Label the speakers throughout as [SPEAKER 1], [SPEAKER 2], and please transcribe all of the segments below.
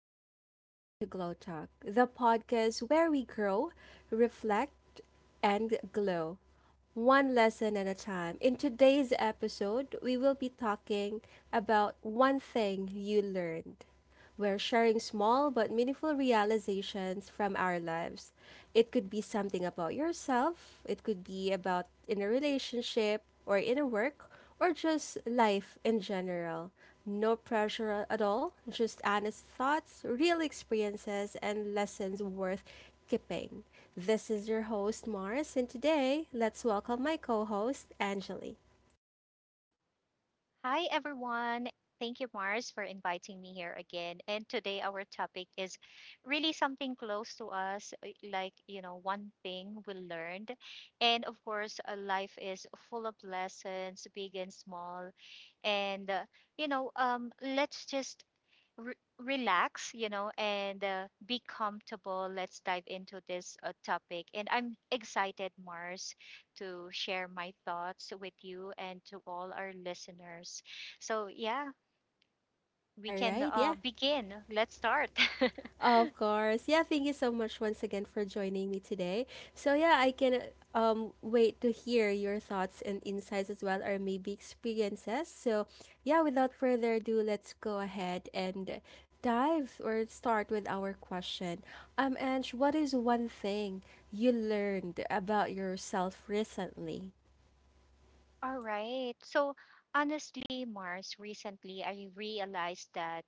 [SPEAKER 1] everyone, and welcome to Glow Talk, the podcast where we grow, reflect, and glow one lesson at a time. In today's episode, we will be talking about one thing you learned. We're sharing small but meaningful realizations from our lives. It could be something about yourself, it could be about in a relationship or in a work, or just life in general. No pressure at all, just honest thoughts, real experiences, and lessons worth keeping. This is your host, Mars, and today let's welcome my co host, Angeli.
[SPEAKER 2] Hi, everyone. Thank you, Mars, for inviting me here again. And today, our topic is really something close to us, one thing we learned. And of course, life is full of lessons, big and small. And, uh, let's just relax, and be comfortable. Let's dive into this topic. And I'm excited, Mars, to share my thoughts with you and to all our listeners. So, yeah,
[SPEAKER 1] All
[SPEAKER 2] we can
[SPEAKER 1] right, yeah.
[SPEAKER 2] begin. Let's start.
[SPEAKER 1] Of course. Yeah, thank you so much once again for joining me today. So yeah, I can wait to hear your thoughts and insights as well or maybe experiences. So yeah, without further ado, let's go ahead and dive or start with our question. Ange, what is one thing you learned about yourself recently?
[SPEAKER 2] All right. So, honestly, Mars, recently I realized that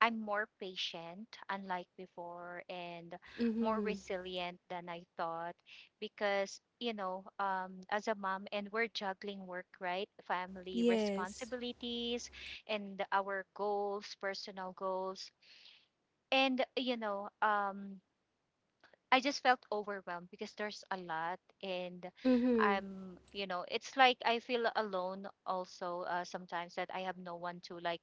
[SPEAKER 2] I'm more patient, unlike before, and more
[SPEAKER 1] Mm-hmm.
[SPEAKER 2] resilient than I thought because, as a mom, and we're juggling work, right? Family
[SPEAKER 1] Yes.
[SPEAKER 2] responsibilities and our goals, personal goals. And, you know, um, I just felt overwhelmed because there's a lot, and
[SPEAKER 1] Mm-hmm.
[SPEAKER 2] it's like I feel alone also sometimes that I have no one to like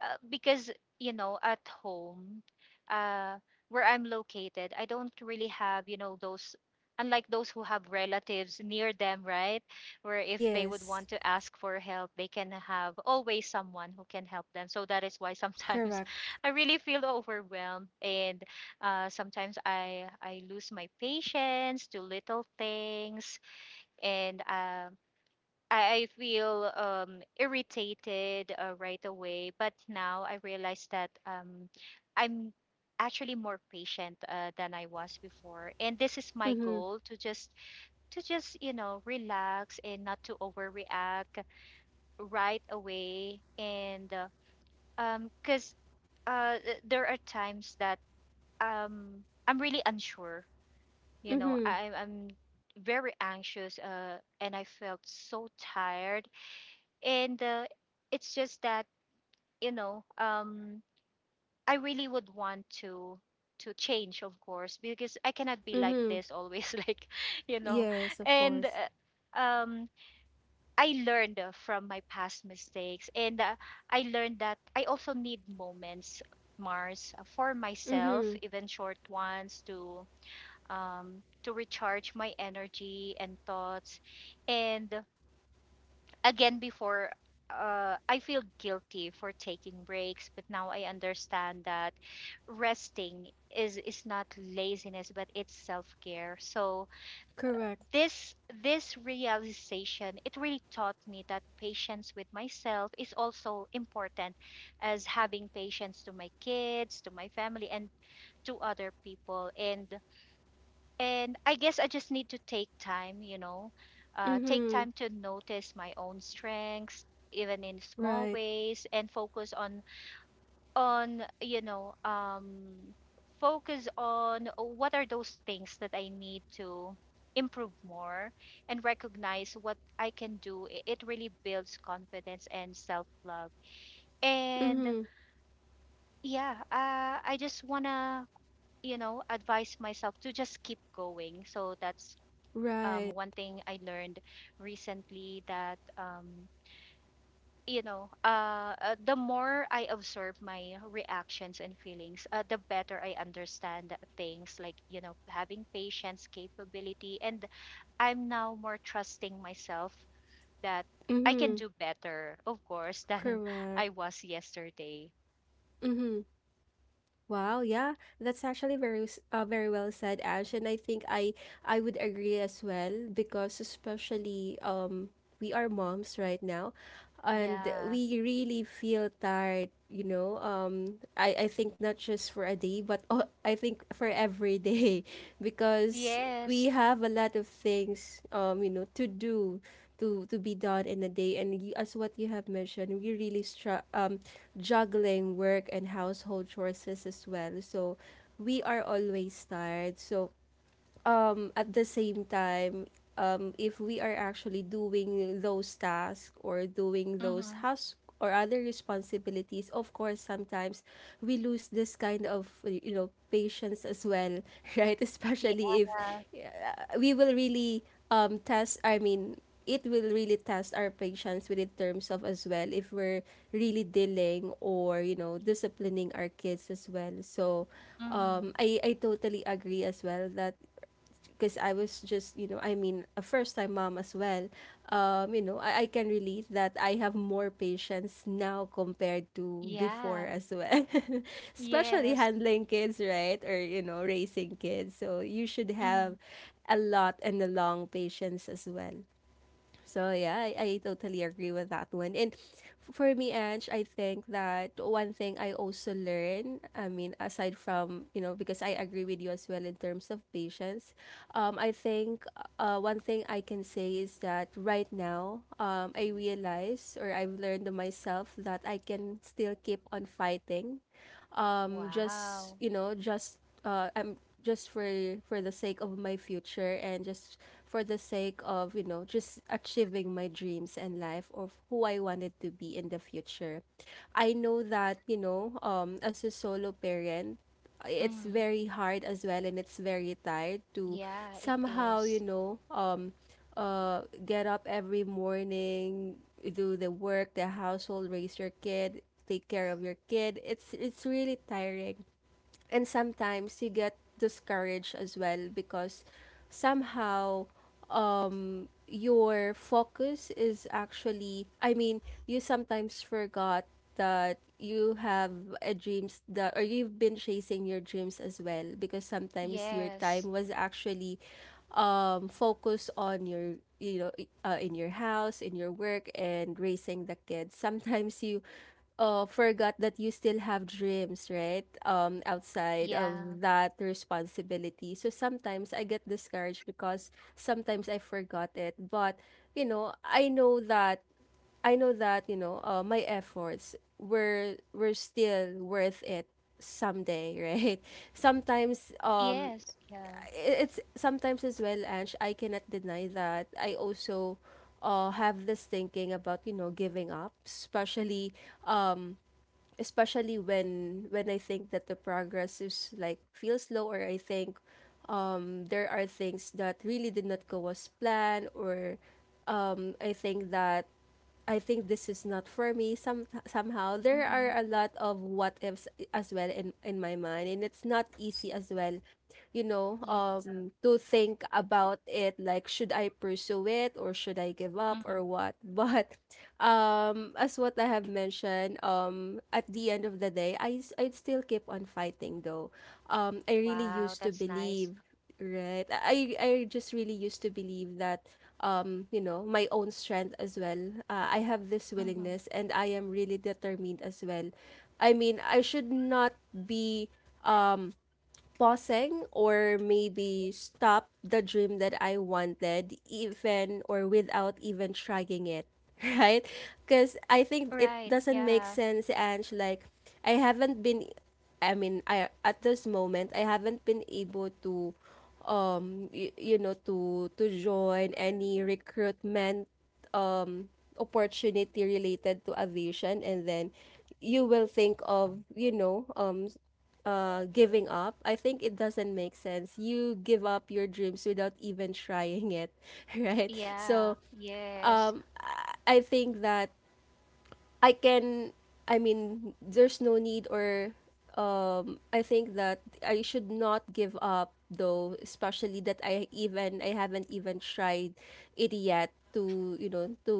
[SPEAKER 2] uh, Because you know at home uh where I'm located, I don't really have, you know, those, unlike those who have relatives near them, right, where if they would
[SPEAKER 1] Yes.
[SPEAKER 2] want to ask for help, they can have always someone who can help them. So that is why sometimes
[SPEAKER 1] Correct.
[SPEAKER 2] I really feel overwhelmed. And sometimes I lose my patience to little things. And I feel irritated right away. But now I realize that I'm actually more patient than I was before, and this is my
[SPEAKER 1] Mm-hmm.
[SPEAKER 2] goal to just you know, relax and not to overreact right away. And because th- there are times that I'm really unsure. You know,
[SPEAKER 1] Mm-hmm.
[SPEAKER 2] I, I'm very anxious and I felt so tired. And It's just that, you know, I really would want to change, of course, because I cannot be like
[SPEAKER 1] Mm-hmm.
[SPEAKER 2] this always, like you know.
[SPEAKER 1] Yes, of
[SPEAKER 2] And
[SPEAKER 1] course.
[SPEAKER 2] I learned from my past mistakes, and I learned that I also need moments, Mars, for
[SPEAKER 1] Mm-hmm.
[SPEAKER 2] myself, even short ones, to recharge my energy and thoughts. And again before, I feel guilty for taking breaks, but now I understand that resting is not laziness, but it's self care. So
[SPEAKER 1] Correct.
[SPEAKER 2] this this realization, it really taught me that patience with myself is also important as having patience to my kids, to my family, and to other people. And I guess I just need to take time, you know, take
[SPEAKER 1] Mm-hmm.
[SPEAKER 2] time to notice my own strengths, even in small
[SPEAKER 1] Right.
[SPEAKER 2] ways, and focus on on you know um, focus on what are those things that I need to improve more, and recognize what I can do. It really builds confidence and self love. And
[SPEAKER 1] Mm-hmm.
[SPEAKER 2] yeah, I just wanna, you know, advise myself to just keep going. So that's
[SPEAKER 1] Right.
[SPEAKER 2] one thing I learned recently. That the more I observe my reactions and feelings, the better I understand things like, you know, having patience, capability, and I'm now more trusting myself that I can
[SPEAKER 1] Mm-hmm.
[SPEAKER 2] do better, of course, than
[SPEAKER 1] Correct.
[SPEAKER 2] I was yesterday.
[SPEAKER 1] Mm-hmm. Wow, yeah. That's actually very very well said, Ash, and I think I would agree as well because especially we are moms right now and
[SPEAKER 2] Yeah.
[SPEAKER 1] we really feel tired, you know. I think not just for a day, but I think for every day because
[SPEAKER 2] Yes.
[SPEAKER 1] we have a lot of things you know to do to be done in a day and you, as what you have mentioned we really juggling work and household chores as well, so we are always tired. So at the same time, if we are actually doing those tasks or doing
[SPEAKER 2] Mm-hmm.
[SPEAKER 1] those house or other responsibilities, of course sometimes we lose this kind of, you know, patience as well, right?
[SPEAKER 2] Yeah.
[SPEAKER 1] Especially if we will really test, I mean it will really test our patience with in terms of as well if we're really dealing or, you know, disciplining our kids as well. So
[SPEAKER 2] Mm-hmm.
[SPEAKER 1] I totally agree as well that because I was just, you know, I mean, a first time mom as well. You know, I can relate that I have more patience now compared to before
[SPEAKER 2] Yeah.
[SPEAKER 1] as well, especially
[SPEAKER 2] Yes.
[SPEAKER 1] handling kids, right? Or, you know, raising kids. So you should
[SPEAKER 2] Mm-hmm.
[SPEAKER 1] have a lot and a long patience as well. So yeah, I totally agree with that one. And for me, Ange, I think that one thing I also learn, I mean, aside from, you know, because I agree with you as well in terms of patience, I think one thing I can say is that right now, I realize or I've learned to myself that I can still keep on fighting, just
[SPEAKER 2] Wow.
[SPEAKER 1] you know just I'm just for the sake of my future and just for the sake of, you know, just achieving my dreams and life of who I wanted to be in the future. I know that, you know, as a solo parent, it's
[SPEAKER 2] Mm,
[SPEAKER 1] very hard as well and it's very tired to
[SPEAKER 2] yeah, it
[SPEAKER 1] somehow, you
[SPEAKER 2] is.
[SPEAKER 1] know, get up every morning, do the work, the household, raise your kid, take care of your kid. It's really tiring, and sometimes you get discouraged as well because somehow your focus is actually, I mean, you sometimes forgot that you have a dreams that or you've been chasing your dreams as well, because sometimes your
[SPEAKER 2] Yes.
[SPEAKER 1] time was actually focused on your, you know, in your house, in your work, and raising the kids. Sometimes you forgot that you still have dreams, right? Outside
[SPEAKER 2] Yeah.
[SPEAKER 1] of that responsibility. So sometimes I get discouraged because sometimes I forgot it. But you know, I know that I know that, you know, my efforts were still worth it someday, right? Sometimes
[SPEAKER 2] Yes. Yeah.
[SPEAKER 1] it's sometimes as well, Ange, I cannot deny that I also have this thinking about, you know, giving up, especially when I think that the progress is like feels slow, or I think there are things that really did not go as planned, or I think that I think this is not for me. Some somehow there
[SPEAKER 2] Mm-hmm.
[SPEAKER 1] are a lot of what ifs as well in my mind, and it's not easy as well, you know,
[SPEAKER 2] Yeah.
[SPEAKER 1] to think about it, like, should I pursue it or should I give up
[SPEAKER 2] Mm-hmm.
[SPEAKER 1] or what? But as what I have mentioned, at the end of the day, I'd still keep on fighting though. I really
[SPEAKER 2] Wow,
[SPEAKER 1] used to
[SPEAKER 2] that's nice.
[SPEAKER 1] believe, right? I just really used to believe that, you know, my own strength as well. I have this
[SPEAKER 2] Mm-hmm.
[SPEAKER 1] willingness and I am really determined as well. I mean, I should not be pausing or maybe stop the dream that I wanted, even or without even trying it, right? Because I think it
[SPEAKER 2] Right.
[SPEAKER 1] doesn't make
[SPEAKER 2] Yeah.
[SPEAKER 1] sense, Ange. Like, I haven't been, I mean, I at this moment, I haven't been able to you know, to join any recruitment um opportunity related to aviation, and then you will think of, you know, giving up. I think it doesn't make sense, you give up your dreams without even trying it, right?
[SPEAKER 2] Yeah.
[SPEAKER 1] So
[SPEAKER 2] Yes.
[SPEAKER 1] um i I think that I can, I mean there's no need, or um, I think that I should not give up though, especially that I haven't even tried it yet to, you know, to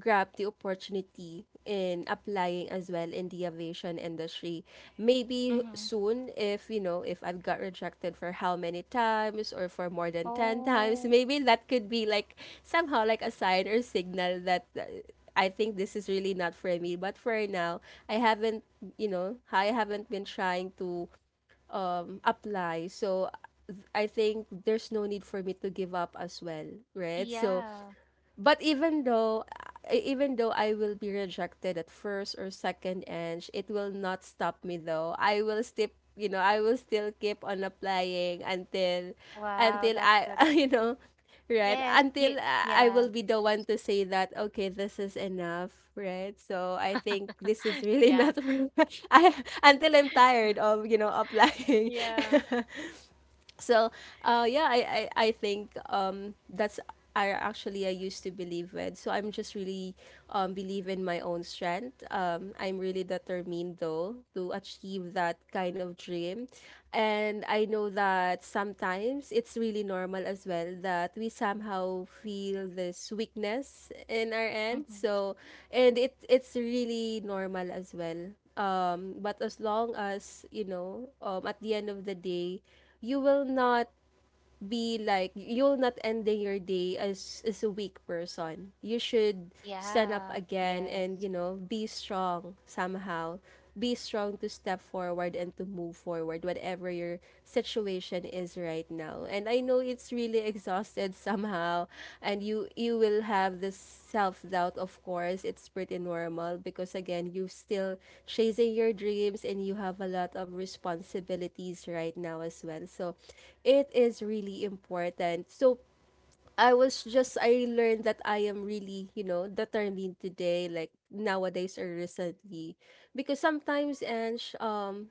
[SPEAKER 1] grab the opportunity in applying as well in the aviation industry. Maybe
[SPEAKER 2] Mm-hmm.
[SPEAKER 1] soon, if you know, if I've got rejected for how many times or for more than 10 times,
[SPEAKER 2] Oh,
[SPEAKER 1] maybe that could be like somehow like a sign or signal that I think this is really not for me. But for now, I haven't, you know, I haven't been trying to apply. So I think there's no need for me to give up as well, right? So
[SPEAKER 2] yeah.
[SPEAKER 1] but even though even though I will be rejected at first or second, and it will not stop me though. I will still, you know, I will still keep on applying until
[SPEAKER 2] Wow, that's
[SPEAKER 1] I,
[SPEAKER 2] good.
[SPEAKER 1] you know, right?
[SPEAKER 2] Yes. You,
[SPEAKER 1] Until I
[SPEAKER 2] yeah.
[SPEAKER 1] will be the one to say that okay, this is enough, right? So I think this is really
[SPEAKER 2] Yeah.
[SPEAKER 1] not for me. I Until I'm tired of, you know, applying.
[SPEAKER 2] Yeah.
[SPEAKER 1] So yeah I think that's I actually I used to believe with so I'm just really believe in my own strength. Um, I'm really determined though to achieve that kind of dream, and I know that sometimes it's really normal as well that we somehow feel this weakness in our end.
[SPEAKER 2] Mm-hmm.
[SPEAKER 1] So and it's really normal as well, but as long as you know, at the end of the day, you will not be like you'll not ending your day as a weak person. You should stand up
[SPEAKER 2] Yeah.
[SPEAKER 1] again
[SPEAKER 2] Yes.
[SPEAKER 1] and, you know, be strong somehow. Be strong to step forward and to move forward, whatever your situation is right now. And I know it's really really exhausted somehow, and you will have this self-doubt, of course it's pretty normal, because again you're still chasing your dreams and you have a lot of responsibilities right now as well. So it is really important. So I was just I learned that I am really, you know, determined today, like nowadays or recently. Because sometimes and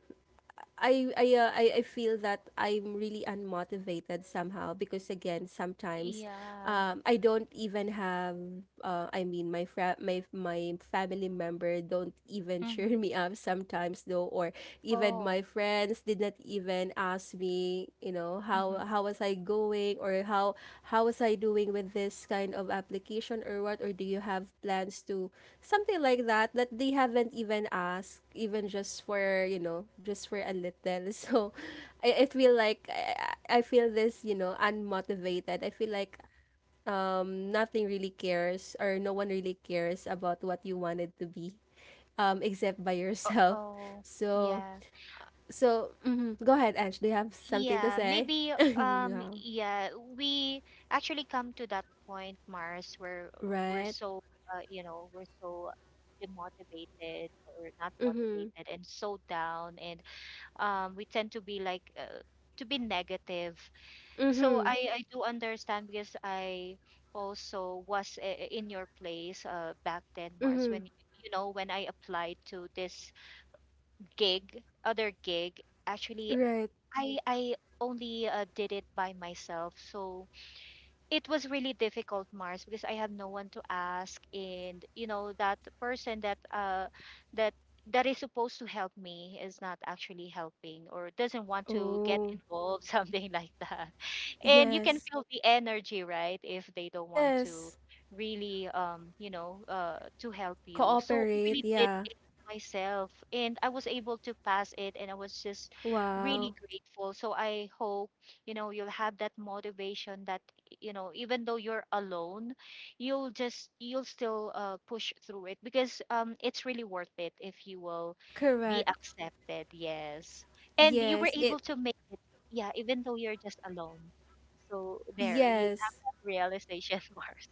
[SPEAKER 1] I feel that I'm really unmotivated somehow, because again sometimes
[SPEAKER 2] Yeah.
[SPEAKER 1] I don't even have I mean my my family member don't even cheer
[SPEAKER 2] Mm-hmm.
[SPEAKER 1] me up sometimes though, or even my
[SPEAKER 2] Oh.
[SPEAKER 1] friends did not even ask me, you know,
[SPEAKER 2] Mm-hmm.
[SPEAKER 1] how was I going or how was I doing with this kind of application or what, or do you have plans to something like that, that they haven't even asked, even just for, you know, just for a little. So I feel like I feel this, you know, unmotivated. I feel like um, nothing really cares or no one really cares about what you wanted to be, um, except by yourself.
[SPEAKER 2] Oh.
[SPEAKER 1] So
[SPEAKER 2] Yeah,
[SPEAKER 1] so mhm. Go ahead, Ange, do you have something to
[SPEAKER 2] Yeah,
[SPEAKER 1] say?
[SPEAKER 2] maybe
[SPEAKER 1] Yeah.
[SPEAKER 2] yeah, we actually come to that point, Mars, where we're
[SPEAKER 1] Right.
[SPEAKER 2] so we're so demotivated or not
[SPEAKER 1] Mm-hmm.
[SPEAKER 2] motivated and so down, and we tend to be to be negative. So
[SPEAKER 1] Mm-hmm.
[SPEAKER 2] I do understand because I also was in your place back then, Mars,
[SPEAKER 1] Mm-hmm.
[SPEAKER 2] when, you know, when I applied to this gig, other gig, actually
[SPEAKER 1] Right.
[SPEAKER 2] I only did it by myself. So, it was really difficult, Mars, because I have no one to ask, and you know that person that that that is supposed to help me is not actually helping, or doesn't want to get
[SPEAKER 1] Oh.
[SPEAKER 2] involved, something like that. And you can
[SPEAKER 1] Yes.
[SPEAKER 2] feel the energy, right, if they don't want to
[SPEAKER 1] Yes.
[SPEAKER 2] really to help you. So I
[SPEAKER 1] Cooperate.
[SPEAKER 2] really did
[SPEAKER 1] Yeah.
[SPEAKER 2] it myself, and I was able to pass it, and I was just really
[SPEAKER 1] Wow.
[SPEAKER 2] grateful. So I hope, you know, you'll have that motivation that, you know, even though you're alone, you'll still push through it, because it's really worth it if you will be
[SPEAKER 1] Correct.
[SPEAKER 2] accepted, yes, and you were
[SPEAKER 1] Yes. It.
[SPEAKER 2] able to make it, yeah, even though you're just alone. So there you have
[SPEAKER 1] Yes.
[SPEAKER 2] that realization. Mars.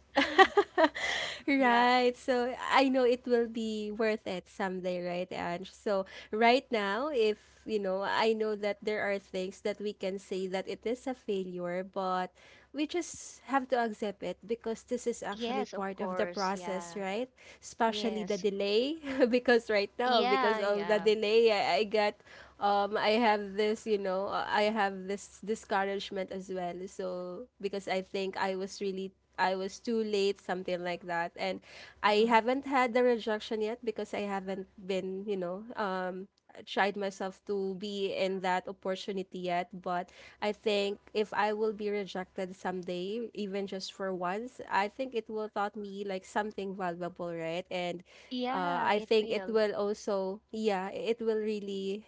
[SPEAKER 2] Yeah.
[SPEAKER 1] Right. So I know it will be worth it someday, right, Ange? So right now, if you know, I know that there are things that we can say that it is a failure, but we just have to accept it because this is actually
[SPEAKER 2] Yes, of
[SPEAKER 1] part of the
[SPEAKER 2] course,
[SPEAKER 1] process,
[SPEAKER 2] yeah.
[SPEAKER 1] right? Especially the
[SPEAKER 2] Yes.
[SPEAKER 1] delay, because right now, because
[SPEAKER 2] Yeah,
[SPEAKER 1] of the
[SPEAKER 2] yeah.
[SPEAKER 1] delay, I have this, I have this discouragement as well. So because I think I was too late, something like that. And I
[SPEAKER 2] Hmm.
[SPEAKER 1] haven't had the rejection yet because I haven't tried myself to be in that opportunity yet. But I think if I will be rejected someday, even just for once, I think it will taught me like something valuable, right? And
[SPEAKER 2] Yeah,
[SPEAKER 1] I
[SPEAKER 2] it
[SPEAKER 1] think it
[SPEAKER 2] will.
[SPEAKER 1] will also, yeah, it will really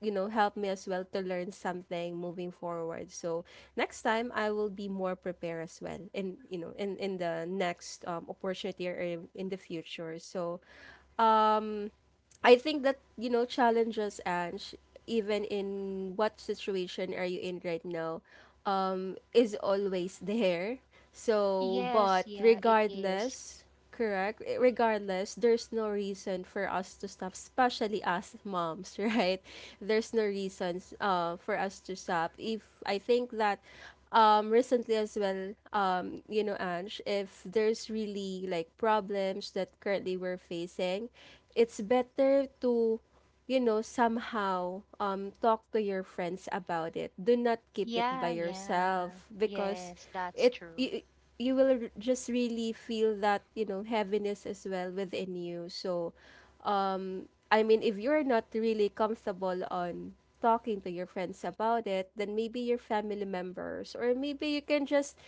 [SPEAKER 1] helped me as well to learn something moving forward. So next time I will be more prepared as well in the next opportunity or in the future. So um I think that, you know, challenges, Ange, even in what situation are you in right now, is always there. So,
[SPEAKER 2] Yes.
[SPEAKER 1] but
[SPEAKER 2] Yeah, it is.
[SPEAKER 1] regardless, there's no reason for us to stop, especially as moms, right? There's no reasons for us to stop. If I think that recently as well, you know, Ange, if there's really like problems that currently we're facing, it's better to, you know, somehow, talk to your friends about it. Do not keep it by
[SPEAKER 2] Yeah, yeah,
[SPEAKER 1] yourself because
[SPEAKER 2] yes, that's
[SPEAKER 1] it
[SPEAKER 2] true.
[SPEAKER 1] you, you will just really feel that, you know, heaviness as well within you. So I mean, if you're not really comfortable on talking to your friends about it, then maybe your family members, or maybe you can just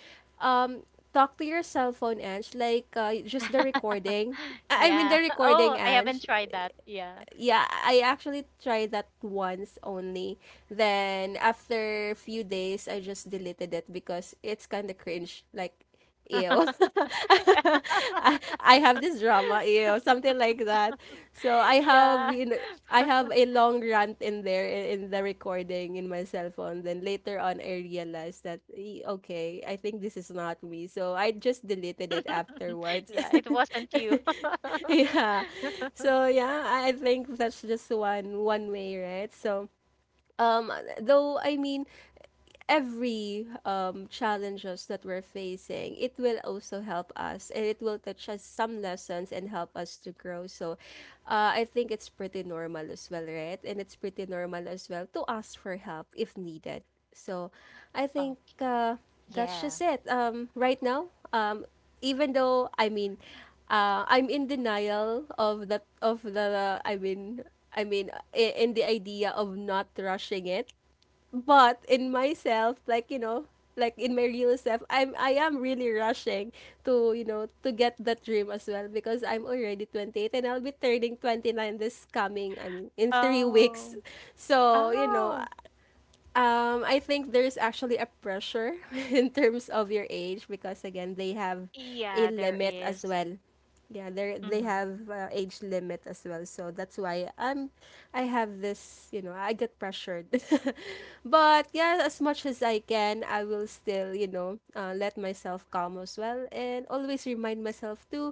[SPEAKER 1] um talk to your cell phone, Ange, like, just the recording. I mean
[SPEAKER 2] Yeah.
[SPEAKER 1] the recording,
[SPEAKER 2] Oh, I haven't
[SPEAKER 1] Ange.
[SPEAKER 2] tried that. Yeah.
[SPEAKER 1] Yeah, I actually tried that once only. Then after a few days, I just deleted it because it's kind of cringe. Like, ew, I have this drama, ew, something like that. So I have,
[SPEAKER 2] Yeah.
[SPEAKER 1] you know, I have a long rant in there, in the recording in my cell phone. Then later on, I realized that, Okay, I think this is not me. So I just deleted it afterwards."
[SPEAKER 2] Yeah, it wasn't you.
[SPEAKER 1] Yeah. So yeah, I think that's just one way, right? So um though, I mean, every challenges that we're facing, it will also help us and it will teach us some lessons and help us to grow. So I think it's pretty normal as well, right? And it's pretty normal as well to ask for help if needed. So I think,
[SPEAKER 2] Okay.
[SPEAKER 1] that's
[SPEAKER 2] Yeah.
[SPEAKER 1] just it. Right now, um, even though I mean, I'm in denial of that of the I mean I mean I- in the idea of not rushing it, but in myself, like, in my real self, I am really rushing to, to get that dream as well, because I'm already 28 and I'll be turning 29 this coming I mean in 3 weeks.
[SPEAKER 2] Oh.
[SPEAKER 1] So,
[SPEAKER 2] Oh.
[SPEAKER 1] I think there's actually a pressure in terms of your age because again they have a
[SPEAKER 2] Yeah, there
[SPEAKER 1] limit as
[SPEAKER 2] is.
[SPEAKER 1] well. Yeah, they
[SPEAKER 2] Mm-hmm.
[SPEAKER 1] have age limit as well, so that's why I have this, you know, I get pressured, but yeah, as much as I can, I will still, let myself calm as well and always remind myself to,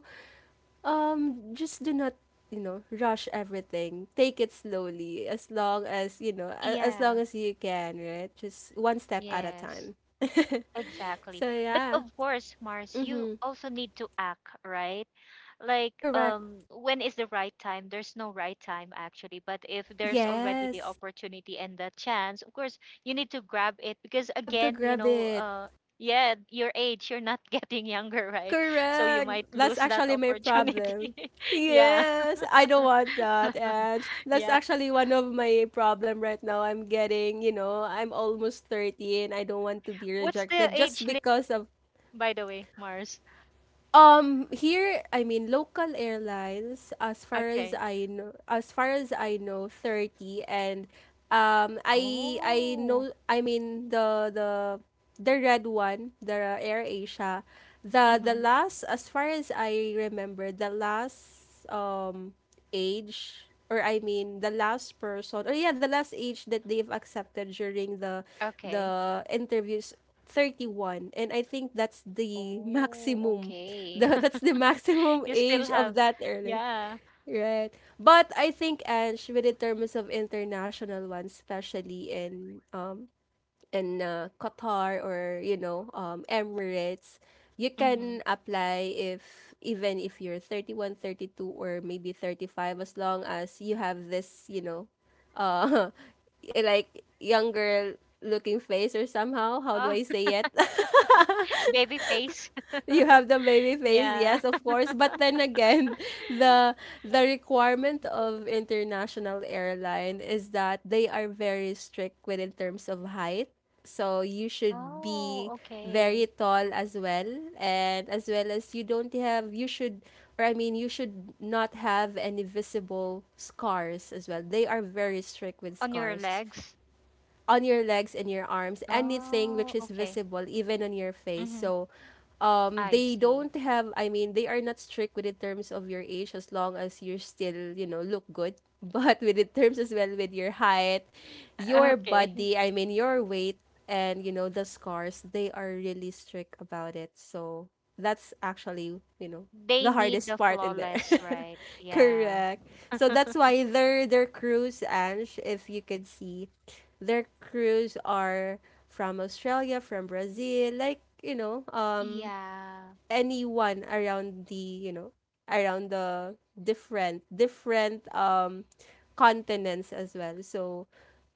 [SPEAKER 1] just do not, you know, rush everything. Take it slowly, as long as, you know, as long
[SPEAKER 2] Yeah.
[SPEAKER 1] as you can, right? Just one step at a
[SPEAKER 2] Yes.
[SPEAKER 1] time.
[SPEAKER 2] Exactly.
[SPEAKER 1] So,
[SPEAKER 2] But
[SPEAKER 1] yeah.
[SPEAKER 2] of course, Mars, you
[SPEAKER 1] Mm-hmm.
[SPEAKER 2] also need to act, right? Like,
[SPEAKER 1] Correct.
[SPEAKER 2] when is the right time? There's no right time actually, but if there's already the
[SPEAKER 1] Yes.
[SPEAKER 2] opportunity and the chance, of course, you need to grab it because
[SPEAKER 1] You have to
[SPEAKER 2] again, you
[SPEAKER 1] grab
[SPEAKER 2] know,
[SPEAKER 1] it.
[SPEAKER 2] yeah, your age, you're not getting younger, right? So you
[SPEAKER 1] Correct.
[SPEAKER 2] might
[SPEAKER 1] That's
[SPEAKER 2] lose that
[SPEAKER 1] actually my
[SPEAKER 2] opportunity.
[SPEAKER 1] problem.
[SPEAKER 2] Yeah,
[SPEAKER 1] Yes, I don't want that, and that's
[SPEAKER 2] yeah.
[SPEAKER 1] actually one of my problem right now. I'm getting, you know, I'm almost 30 and I don't want to be
[SPEAKER 2] What's the
[SPEAKER 1] rejected just
[SPEAKER 2] age limit,
[SPEAKER 1] because of.
[SPEAKER 2] by the way, Mars?
[SPEAKER 1] Here, I mean, local airlines, as far as
[SPEAKER 2] Okay.
[SPEAKER 1] I know, 30. And, I
[SPEAKER 2] Oh.
[SPEAKER 1] know, I mean, the red one, the Air Asia, the
[SPEAKER 2] Mm-hmm.
[SPEAKER 1] last, as far as I remember, the last age, or I mean the last person, or yeah, the last age that they've accepted during the
[SPEAKER 2] Okay.
[SPEAKER 1] the interviews, 31, and I think that's the
[SPEAKER 2] Oh,
[SPEAKER 1] maximum
[SPEAKER 2] okay.
[SPEAKER 1] the, that's the maximum
[SPEAKER 2] You still
[SPEAKER 1] age of
[SPEAKER 2] have,
[SPEAKER 1] that early,
[SPEAKER 2] yeah.
[SPEAKER 1] right? But I think, Ange, with the terms of international ones, especially in Qatar, or, you know, Emirates, you
[SPEAKER 2] Mm-hmm.
[SPEAKER 1] can apply if even if you're 32, or maybe 35, as long as you have this, you know, uh like, young girl looking face, or somehow, how do
[SPEAKER 2] Oh,
[SPEAKER 1] I say it?
[SPEAKER 2] baby face.
[SPEAKER 1] You have the baby face,
[SPEAKER 2] Yeah.
[SPEAKER 1] yes, of course, but then again, the the requirement of international airline is that they are very strict within terms of height. So you should
[SPEAKER 2] Oh,
[SPEAKER 1] be
[SPEAKER 2] okay.
[SPEAKER 1] very tall as well, and as well as you don't have, you should, or I mean, you should not have any visible scars as well. They are very strict with
[SPEAKER 2] On your
[SPEAKER 1] scars
[SPEAKER 2] legs.
[SPEAKER 1] on your legs and your arms, anything which
[SPEAKER 2] Oh,
[SPEAKER 1] is
[SPEAKER 2] okay.
[SPEAKER 1] visible, even on your face.
[SPEAKER 2] Mm-hmm.
[SPEAKER 1] So,
[SPEAKER 2] I
[SPEAKER 1] they
[SPEAKER 2] see.
[SPEAKER 1] don't have, I mean, they are not strict with in terms of your age as long as you're still, you know, look good. But with in terms as well with your height, your
[SPEAKER 2] Okay.
[SPEAKER 1] body, I mean, your weight, and, you know, the scars, they are really strict about it. So, that's actually, you know,
[SPEAKER 2] They
[SPEAKER 1] the
[SPEAKER 2] need the
[SPEAKER 1] hardest part in there.
[SPEAKER 2] flawless, right? Yeah.
[SPEAKER 1] Correct. So that's why their crews, Ange, if you could see, their crews are from Australia, from Brazil, like, you know,
[SPEAKER 2] Yeah.
[SPEAKER 1] anyone around the, you know, around the different continents as well. So,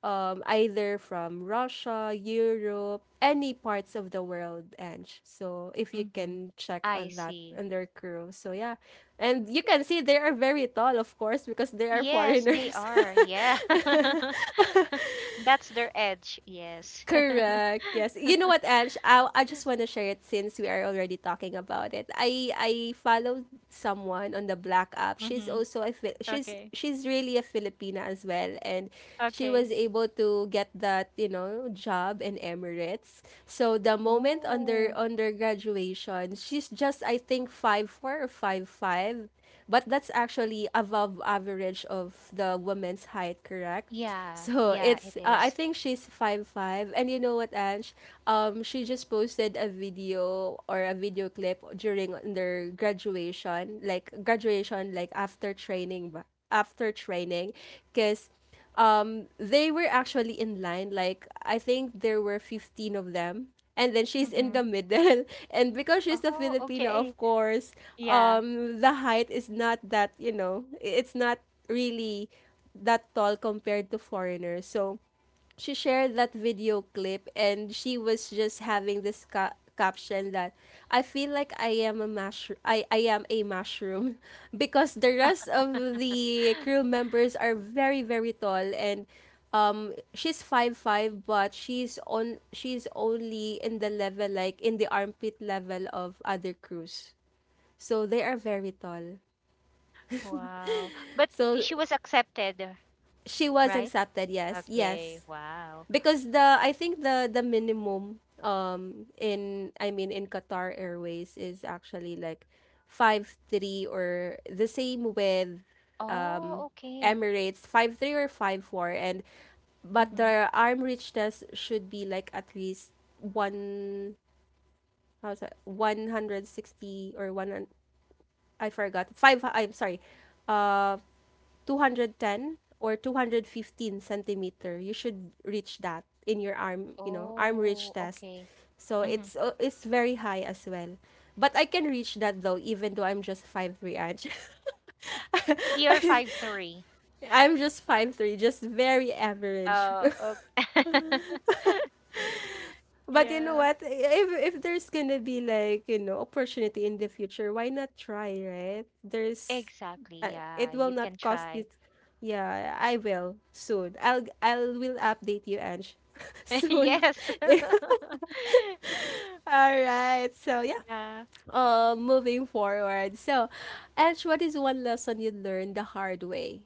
[SPEAKER 1] either from Russia, Europe, any parts of the world, and so if you
[SPEAKER 2] Mm-hmm.
[SPEAKER 1] can check
[SPEAKER 2] I
[SPEAKER 1] on that
[SPEAKER 2] see.
[SPEAKER 1] on their crew, so yeah, and you can see they are very tall, of course, because they are
[SPEAKER 2] Yes, they
[SPEAKER 1] foreigners.
[SPEAKER 2] are. Yeah. That's their edge. Yes.
[SPEAKER 1] Correct. Yes. You know what, Ange? I just want to share it since we are already talking about it. I followed someone on the Black app. She's
[SPEAKER 2] Mm-hmm.
[SPEAKER 1] also a Fi-
[SPEAKER 2] Okay.
[SPEAKER 1] she's really a Filipina as well, and she
[SPEAKER 2] Okay.
[SPEAKER 1] was able to get that, you know, job in Emirates. So the moment under
[SPEAKER 2] Oh,
[SPEAKER 1] under graduation, she's just, I think, 5'4" or five five, but that's actually above average of the woman's height. Correct.
[SPEAKER 2] yeah,
[SPEAKER 1] So
[SPEAKER 2] yeah, it
[SPEAKER 1] it's, I
[SPEAKER 2] is.
[SPEAKER 1] think she's five five, and you know what, Ange? She just posted a video or a video clip during their graduation, like after training, after training, because they were actually in line. Like, I think there were 15 of them. And then she's in
[SPEAKER 2] Mm-hmm.
[SPEAKER 1] the middle, and because she's a
[SPEAKER 2] Oh,
[SPEAKER 1] Filipino, of
[SPEAKER 2] okay.
[SPEAKER 1] course,
[SPEAKER 2] Yeah.
[SPEAKER 1] the height is not that, you know, it's not really that tall compared to foreigners. So she shared that video clip, and she was just having this caption that, "I feel like I am a mushroom. I am a mushroom." Because the rest of the crew members are very very tall, and she's five five, but she's only in the level, like, in the armpit level of other crews. So they are very tall.
[SPEAKER 2] Wow. But
[SPEAKER 1] So
[SPEAKER 2] she was accepted,
[SPEAKER 1] she was
[SPEAKER 2] right?
[SPEAKER 1] accepted, yes,
[SPEAKER 2] Okay.
[SPEAKER 1] yes,
[SPEAKER 2] Wow.
[SPEAKER 1] because, the I think the minimum, in I mean in Qatar Airways, is actually like 5'3", or the same with, um
[SPEAKER 2] Oh, okay.
[SPEAKER 1] Emirates, 5'3" or 5'4", and but
[SPEAKER 2] Mm-hmm.
[SPEAKER 1] the arm richness should be like at least one, how's that, 160, or one, I forgot, five, I'm sorry, uh 210, or 215 centimeter. You should reach that in your arm, you know, arm reach
[SPEAKER 2] Oh,
[SPEAKER 1] test.
[SPEAKER 2] okay.
[SPEAKER 1] So
[SPEAKER 2] Mm-hmm.
[SPEAKER 1] it's very high as well. But I can reach that though, even though I'm just 5'3" inch.
[SPEAKER 2] Are five three.
[SPEAKER 1] I'm just 5'3", just very average.
[SPEAKER 2] Oh, okay.
[SPEAKER 1] But you know
[SPEAKER 2] Yeah.
[SPEAKER 1] what? If there's gonna be, like, opportunity in the future, why not try? Right? There's,
[SPEAKER 2] Exactly. Yeah,
[SPEAKER 1] it will
[SPEAKER 2] you
[SPEAKER 1] not
[SPEAKER 2] can
[SPEAKER 1] cost
[SPEAKER 2] try.
[SPEAKER 1] you. Yeah, I will soon. I'll will update you, Ange, soon.
[SPEAKER 2] Yes.
[SPEAKER 1] All right. So yeah.
[SPEAKER 2] Yeah.
[SPEAKER 1] Moving forward. So, Ange, what is one lesson you learned the hard way?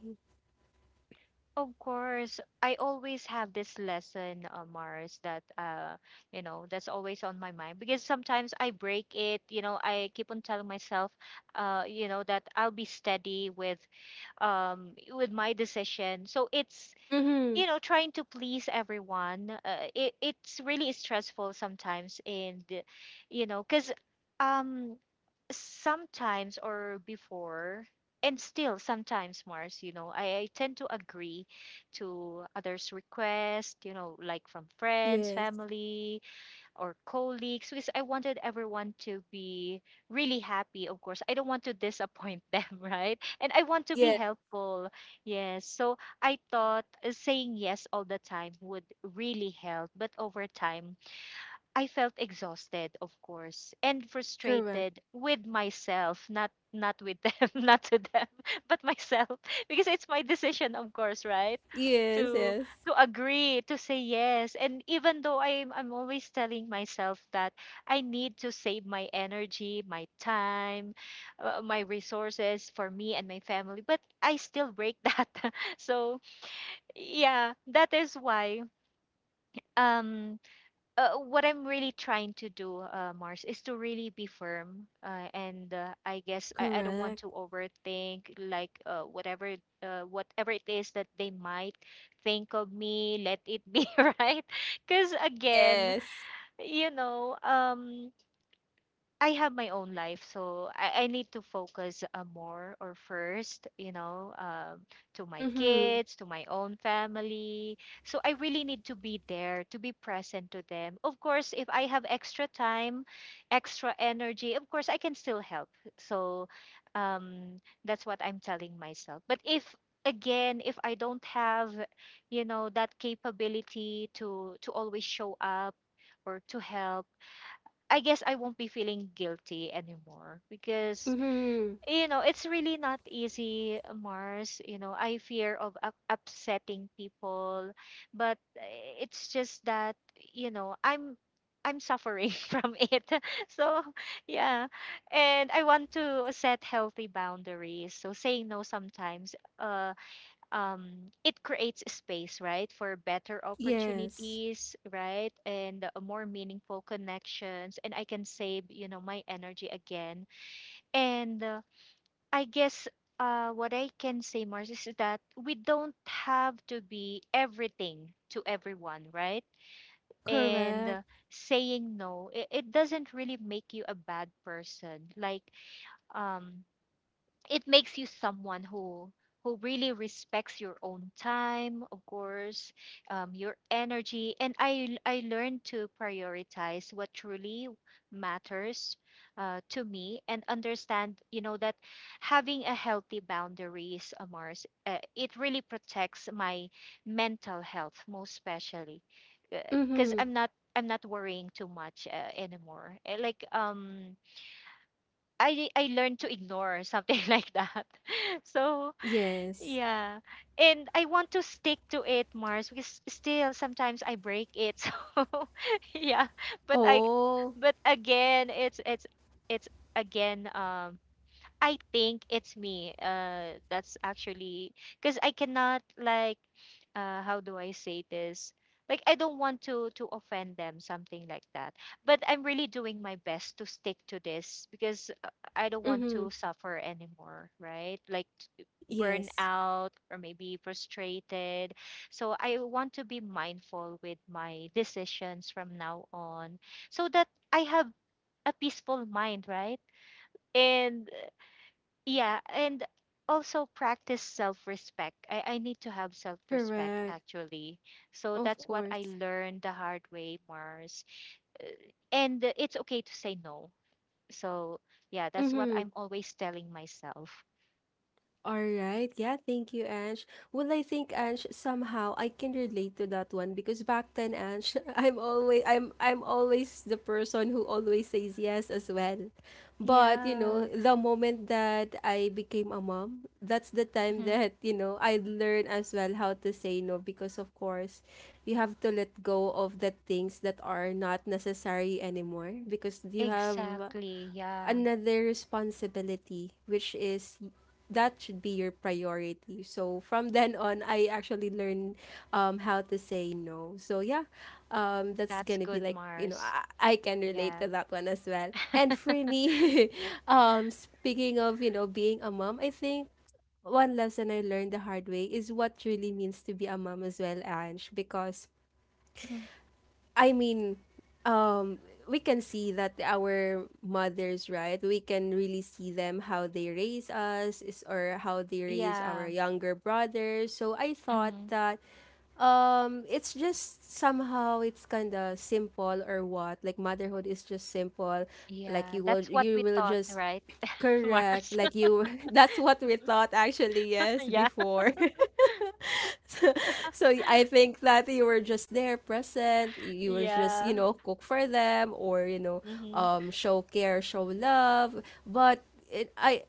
[SPEAKER 2] Of course, I always have this lesson, Mars, that you know, that's always on my mind because sometimes I break it. You know, I keep on telling myself, you know, that I'll be steady with my decision. So it's,
[SPEAKER 1] Mm-hmm.
[SPEAKER 2] you know, trying to please everyone. It it's really stressful sometimes, and you know, cause um sometimes, or before, and still sometimes, Mars, you know, I tend to agree to others request, you know, like from friends,
[SPEAKER 1] Yes.
[SPEAKER 2] family, or colleagues, because I wanted everyone to be really happy. Of course, I don't want to disappoint them, right, and I want to be
[SPEAKER 1] Yes.
[SPEAKER 2] helpful, yes. So I thought saying yes all the time would really help, but over time I felt exhausted, of course, and
[SPEAKER 1] Correct.
[SPEAKER 2] frustrated with myself, not with them, not to them, but myself, because it's my decision, of course, right?
[SPEAKER 1] Yes.
[SPEAKER 2] To
[SPEAKER 1] Yes.
[SPEAKER 2] agree, to say yes, and even though I'm always telling myself that I need to save my energy, my time, my resources for me and my family, but I still break that. So yeah, that is why. Um, what I'm really trying to do, Mars, is to really be firm. And I guess I don't want to
[SPEAKER 1] Correct.
[SPEAKER 2] overthink, like whatever it is that they might think of me, let it be, right. Because again,
[SPEAKER 1] Yes.
[SPEAKER 2] you know, I have my own life, so I need to focus more or first, you know, to my
[SPEAKER 1] Mm-hmm.
[SPEAKER 2] kids, to my own family. So I really need to be there, to be present to them. Of course, if I have extra time, extra energy, of course, I can still help. So that's what I'm telling myself. But if again, if I don't have, you know, that capability to always show up or to help, I guess I won't be feeling guilty anymore because,
[SPEAKER 1] Mm-hmm.
[SPEAKER 2] you know, it's really not easy, Mars. You know, I fear of upsetting people, but it's just that, you know, I'm suffering from it. So yeah, and I want to set healthy boundaries. So saying no sometimes. It creates a space, right, for better
[SPEAKER 1] Yes,
[SPEAKER 2] opportunities, right, and more meaningful connections. And I can save, you know, my energy again. And I guess what I can say, Mars, is that we don't have to be everything to everyone, right? And
[SPEAKER 1] correct.
[SPEAKER 2] Saying no, it doesn't really make you a bad person. Um, it makes you someone who really respects your own time, of course, your energy. And I learned to prioritize what truly matters to me, and understand that having a healthy boundaries, Mars, it really protects my mental health most especially, because
[SPEAKER 1] Mm-hmm.
[SPEAKER 2] I'm not worrying too much anymore. Like, I learned to ignore something like that. So
[SPEAKER 1] Yes.
[SPEAKER 2] yeah, and I want to stick to it, Mars, because still sometimes I break it. So yeah, but I,
[SPEAKER 1] Oh.
[SPEAKER 2] but again, it's again, I think it's me. That's actually because I cannot, like, how do I say this? Like, I don't want to offend them, something like that. But I'm really doing my best to stick to this, because I don't want
[SPEAKER 1] Mm-hmm.
[SPEAKER 2] to suffer anymore, right? T- Burn
[SPEAKER 1] Yes,
[SPEAKER 2] out or maybe frustrated. So I want to be mindful with my decisions from now on, so that I have a peaceful mind, right? And yeah, and also practice self-respect. I need to have self-respect
[SPEAKER 1] correct.
[SPEAKER 2] actually. So
[SPEAKER 1] Of
[SPEAKER 2] that's what I
[SPEAKER 1] course.
[SPEAKER 2] learned the hard way, Mars. And it's okay to say no. So yeah, that's what
[SPEAKER 1] Mm-hmm.
[SPEAKER 2] I'm always telling myself.
[SPEAKER 1] All right. Yeah, thank you, Ange. Well, I think, Ange, somehow I can relate to that one because back then, Ange, I'm always the person who always says yes as well. But, you know,
[SPEAKER 2] Yeah.
[SPEAKER 1] the moment that I became a mom, that's the time
[SPEAKER 2] Mm-hmm.
[SPEAKER 1] that, you know, I learn as well how to say no because, of course, you have to let go of the things that are not necessary anymore because you have
[SPEAKER 2] Exactly. Yeah.
[SPEAKER 1] another responsibility, which is that should be your priority. So from then on, I actually learned, how to say no. So yeah, that's
[SPEAKER 2] That's
[SPEAKER 1] gonna be
[SPEAKER 2] good,
[SPEAKER 1] like,
[SPEAKER 2] Mars.
[SPEAKER 1] I can relate to
[SPEAKER 2] Yeah.
[SPEAKER 1] that one as well. And for me, speaking of being a mom, I think one lesson I learned the hard way is what really means to be a mom as well, Ange, because
[SPEAKER 2] Mm-hmm.
[SPEAKER 1] I mean, um, we can see that our mothers, right? We can really see them how they raise us is or how they raise our
[SPEAKER 2] Yeah.
[SPEAKER 1] younger brothers. So I thought
[SPEAKER 2] Mm-hmm.
[SPEAKER 1] that it's just somehow it's kind of simple or what, like motherhood is just simple, like
[SPEAKER 2] Yeah. That's what
[SPEAKER 1] you
[SPEAKER 2] we
[SPEAKER 1] will
[SPEAKER 2] thought,
[SPEAKER 1] just
[SPEAKER 2] right,
[SPEAKER 1] correct
[SPEAKER 2] Mars?
[SPEAKER 1] like you, that's what we thought actually, yes,
[SPEAKER 2] Yeah.
[SPEAKER 1] before. So I think that you were just there present. You were just, you
[SPEAKER 2] Yeah.
[SPEAKER 1] know, cook for them or, you know,
[SPEAKER 2] Mm-hmm.
[SPEAKER 1] show care, show love. But it, I,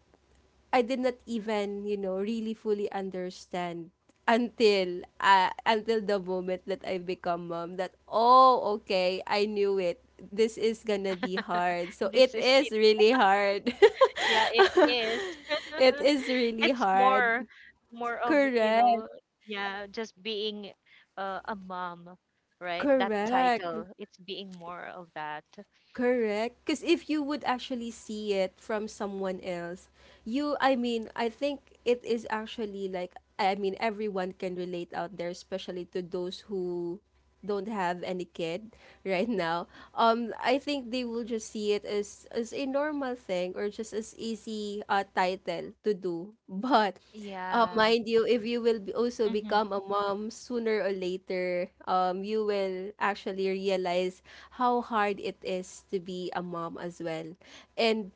[SPEAKER 1] I did not even, you know, really fully understand until the moment that I become mom that, oh okay, I knew it, this is gonna be hard, so it
[SPEAKER 2] This is
[SPEAKER 1] is really hard.
[SPEAKER 2] yeah, it is.
[SPEAKER 1] It is really
[SPEAKER 2] It's
[SPEAKER 1] hard.
[SPEAKER 2] more, more of, you
[SPEAKER 1] Correct,
[SPEAKER 2] know, yeah, just being a mom, right? That
[SPEAKER 1] correct.
[SPEAKER 2] title, it's being more of that.
[SPEAKER 1] Correct. Because if you would actually see it from someone else, I mean, I think it is actually like, I mean, everyone can relate out there, especially to those who don't have any kid right now. I think they will just see it as a normal thing or just as easy title to do. But
[SPEAKER 2] Yeah.
[SPEAKER 1] mind you, if you will also
[SPEAKER 2] Mm-hmm.
[SPEAKER 1] become a mom sooner or later, you will actually realize how hard it is to be a mom as well. And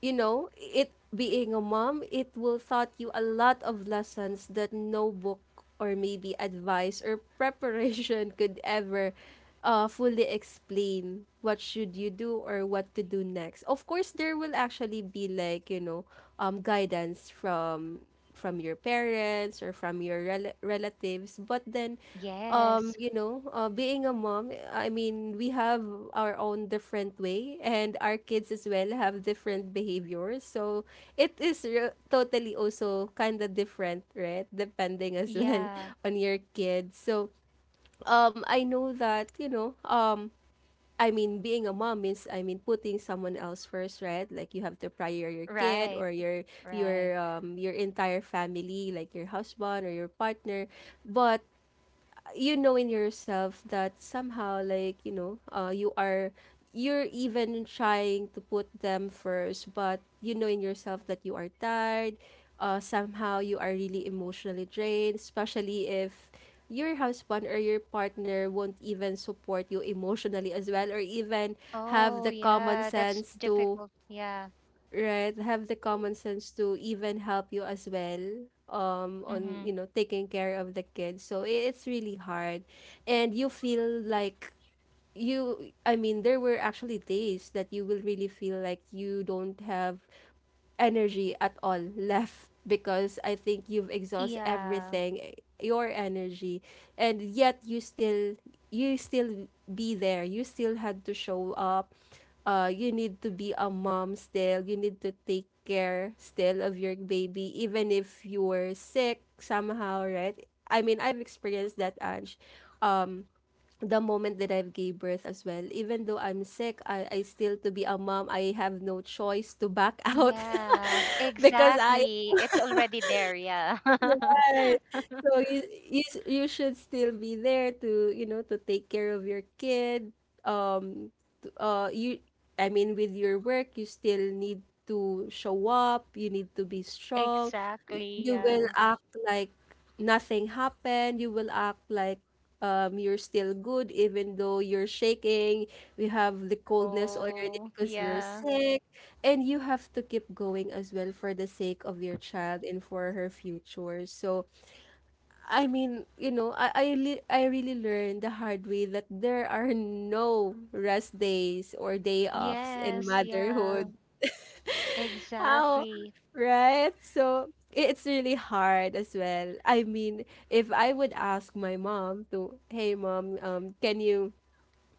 [SPEAKER 1] you know, it being a mom, it will taught you a lot of lessons that no book or maybe advice or preparation could ever fully explain what should you do or what to do next. Of course, there will actually be like, you know, guidance from your parents or from your relatives, but then
[SPEAKER 2] Yes.
[SPEAKER 1] you know, being a mom, I mean, we have our own different way, and our kids as well have different behaviors. So it is totally also kind of different, right? Depending as well
[SPEAKER 2] Yeah.
[SPEAKER 1] on your kids. So I know that, you know, I mean, being a mom means, I mean, putting someone else first, right? Like you have to prior your kid
[SPEAKER 2] Right.
[SPEAKER 1] or your
[SPEAKER 2] Right.
[SPEAKER 1] your entire family, like your husband or your partner. But you know in yourself that somehow, like, you know, you are, you're even trying to put them first, but you know in yourself that you are tired. Somehow you are really emotionally drained, especially if your husband or your partner won't even support you emotionally as well, or even have
[SPEAKER 2] Oh,
[SPEAKER 1] the common
[SPEAKER 2] yeah, that's
[SPEAKER 1] sense to,
[SPEAKER 2] difficult. Yeah.
[SPEAKER 1] right, have the common sense to even help you as well on,
[SPEAKER 2] Mm-hmm.
[SPEAKER 1] you know, taking care of the kids, so it's really hard. And you feel like you I mean there were actually days that you will really feel like you don't have energy at all left, because I think you've exhausted
[SPEAKER 2] Yeah.
[SPEAKER 1] everything, eh, your energy, and yet you still, you still be there. You still had to show up. You need to be a mom still. You need to take care still of your baby, even if you were sick somehow, right? I mean, I've experienced that, Ange. Um, the moment that I've gave birth as well. Even though I'm sick, I still to be a mom, I have no choice to back out
[SPEAKER 2] Yeah,
[SPEAKER 1] because I.
[SPEAKER 2] exactly. It's already there, yeah.
[SPEAKER 1] Right. So you you should still be there to, you know, to take care of your kid. Um, t- uh, you, I mean, with your work, you still need to show up. You need to be strong.
[SPEAKER 2] Exactly,
[SPEAKER 1] You will
[SPEAKER 2] yeah.
[SPEAKER 1] act like nothing happened. You will act like you're still good, even though you're shaking. You have the coldness already
[SPEAKER 2] Oh,
[SPEAKER 1] because you're
[SPEAKER 2] yeah.
[SPEAKER 1] sick. And you have to keep going as well for the sake of your child and for her future. So I mean, you know, I really learned the hard way that there are no rest days or day offs in
[SPEAKER 2] Yes, yeah.
[SPEAKER 1] motherhood. How,
[SPEAKER 2] Exactly.
[SPEAKER 1] right? So it's really hard as well. I mean, if I would ask my mom to, hey mom, can you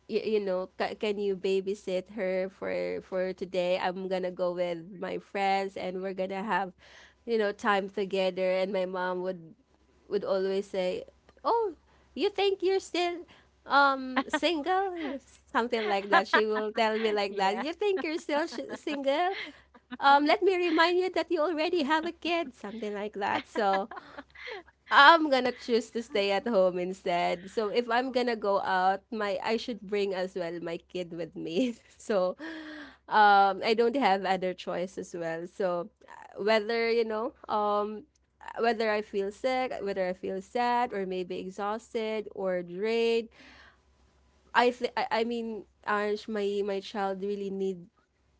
[SPEAKER 1] you know can you babysit her for today, I'm gonna go with my friends and we're gonna have, you know, time together. And my mom would always say, "Oh, you think you're still single?" Something like that. She will tell me like that.
[SPEAKER 2] Yeah.
[SPEAKER 1] You think you're still single? Let me remind you that you already have a kid. Something like that. So I'm gonna choose to stay at home instead. So if I'm gonna go out, my I should bring as well my kid with me. So I don't have other choice as well. So whether you know whether I feel sick, whether I feel sad or maybe exhausted or drained, I mean, Ange, my child really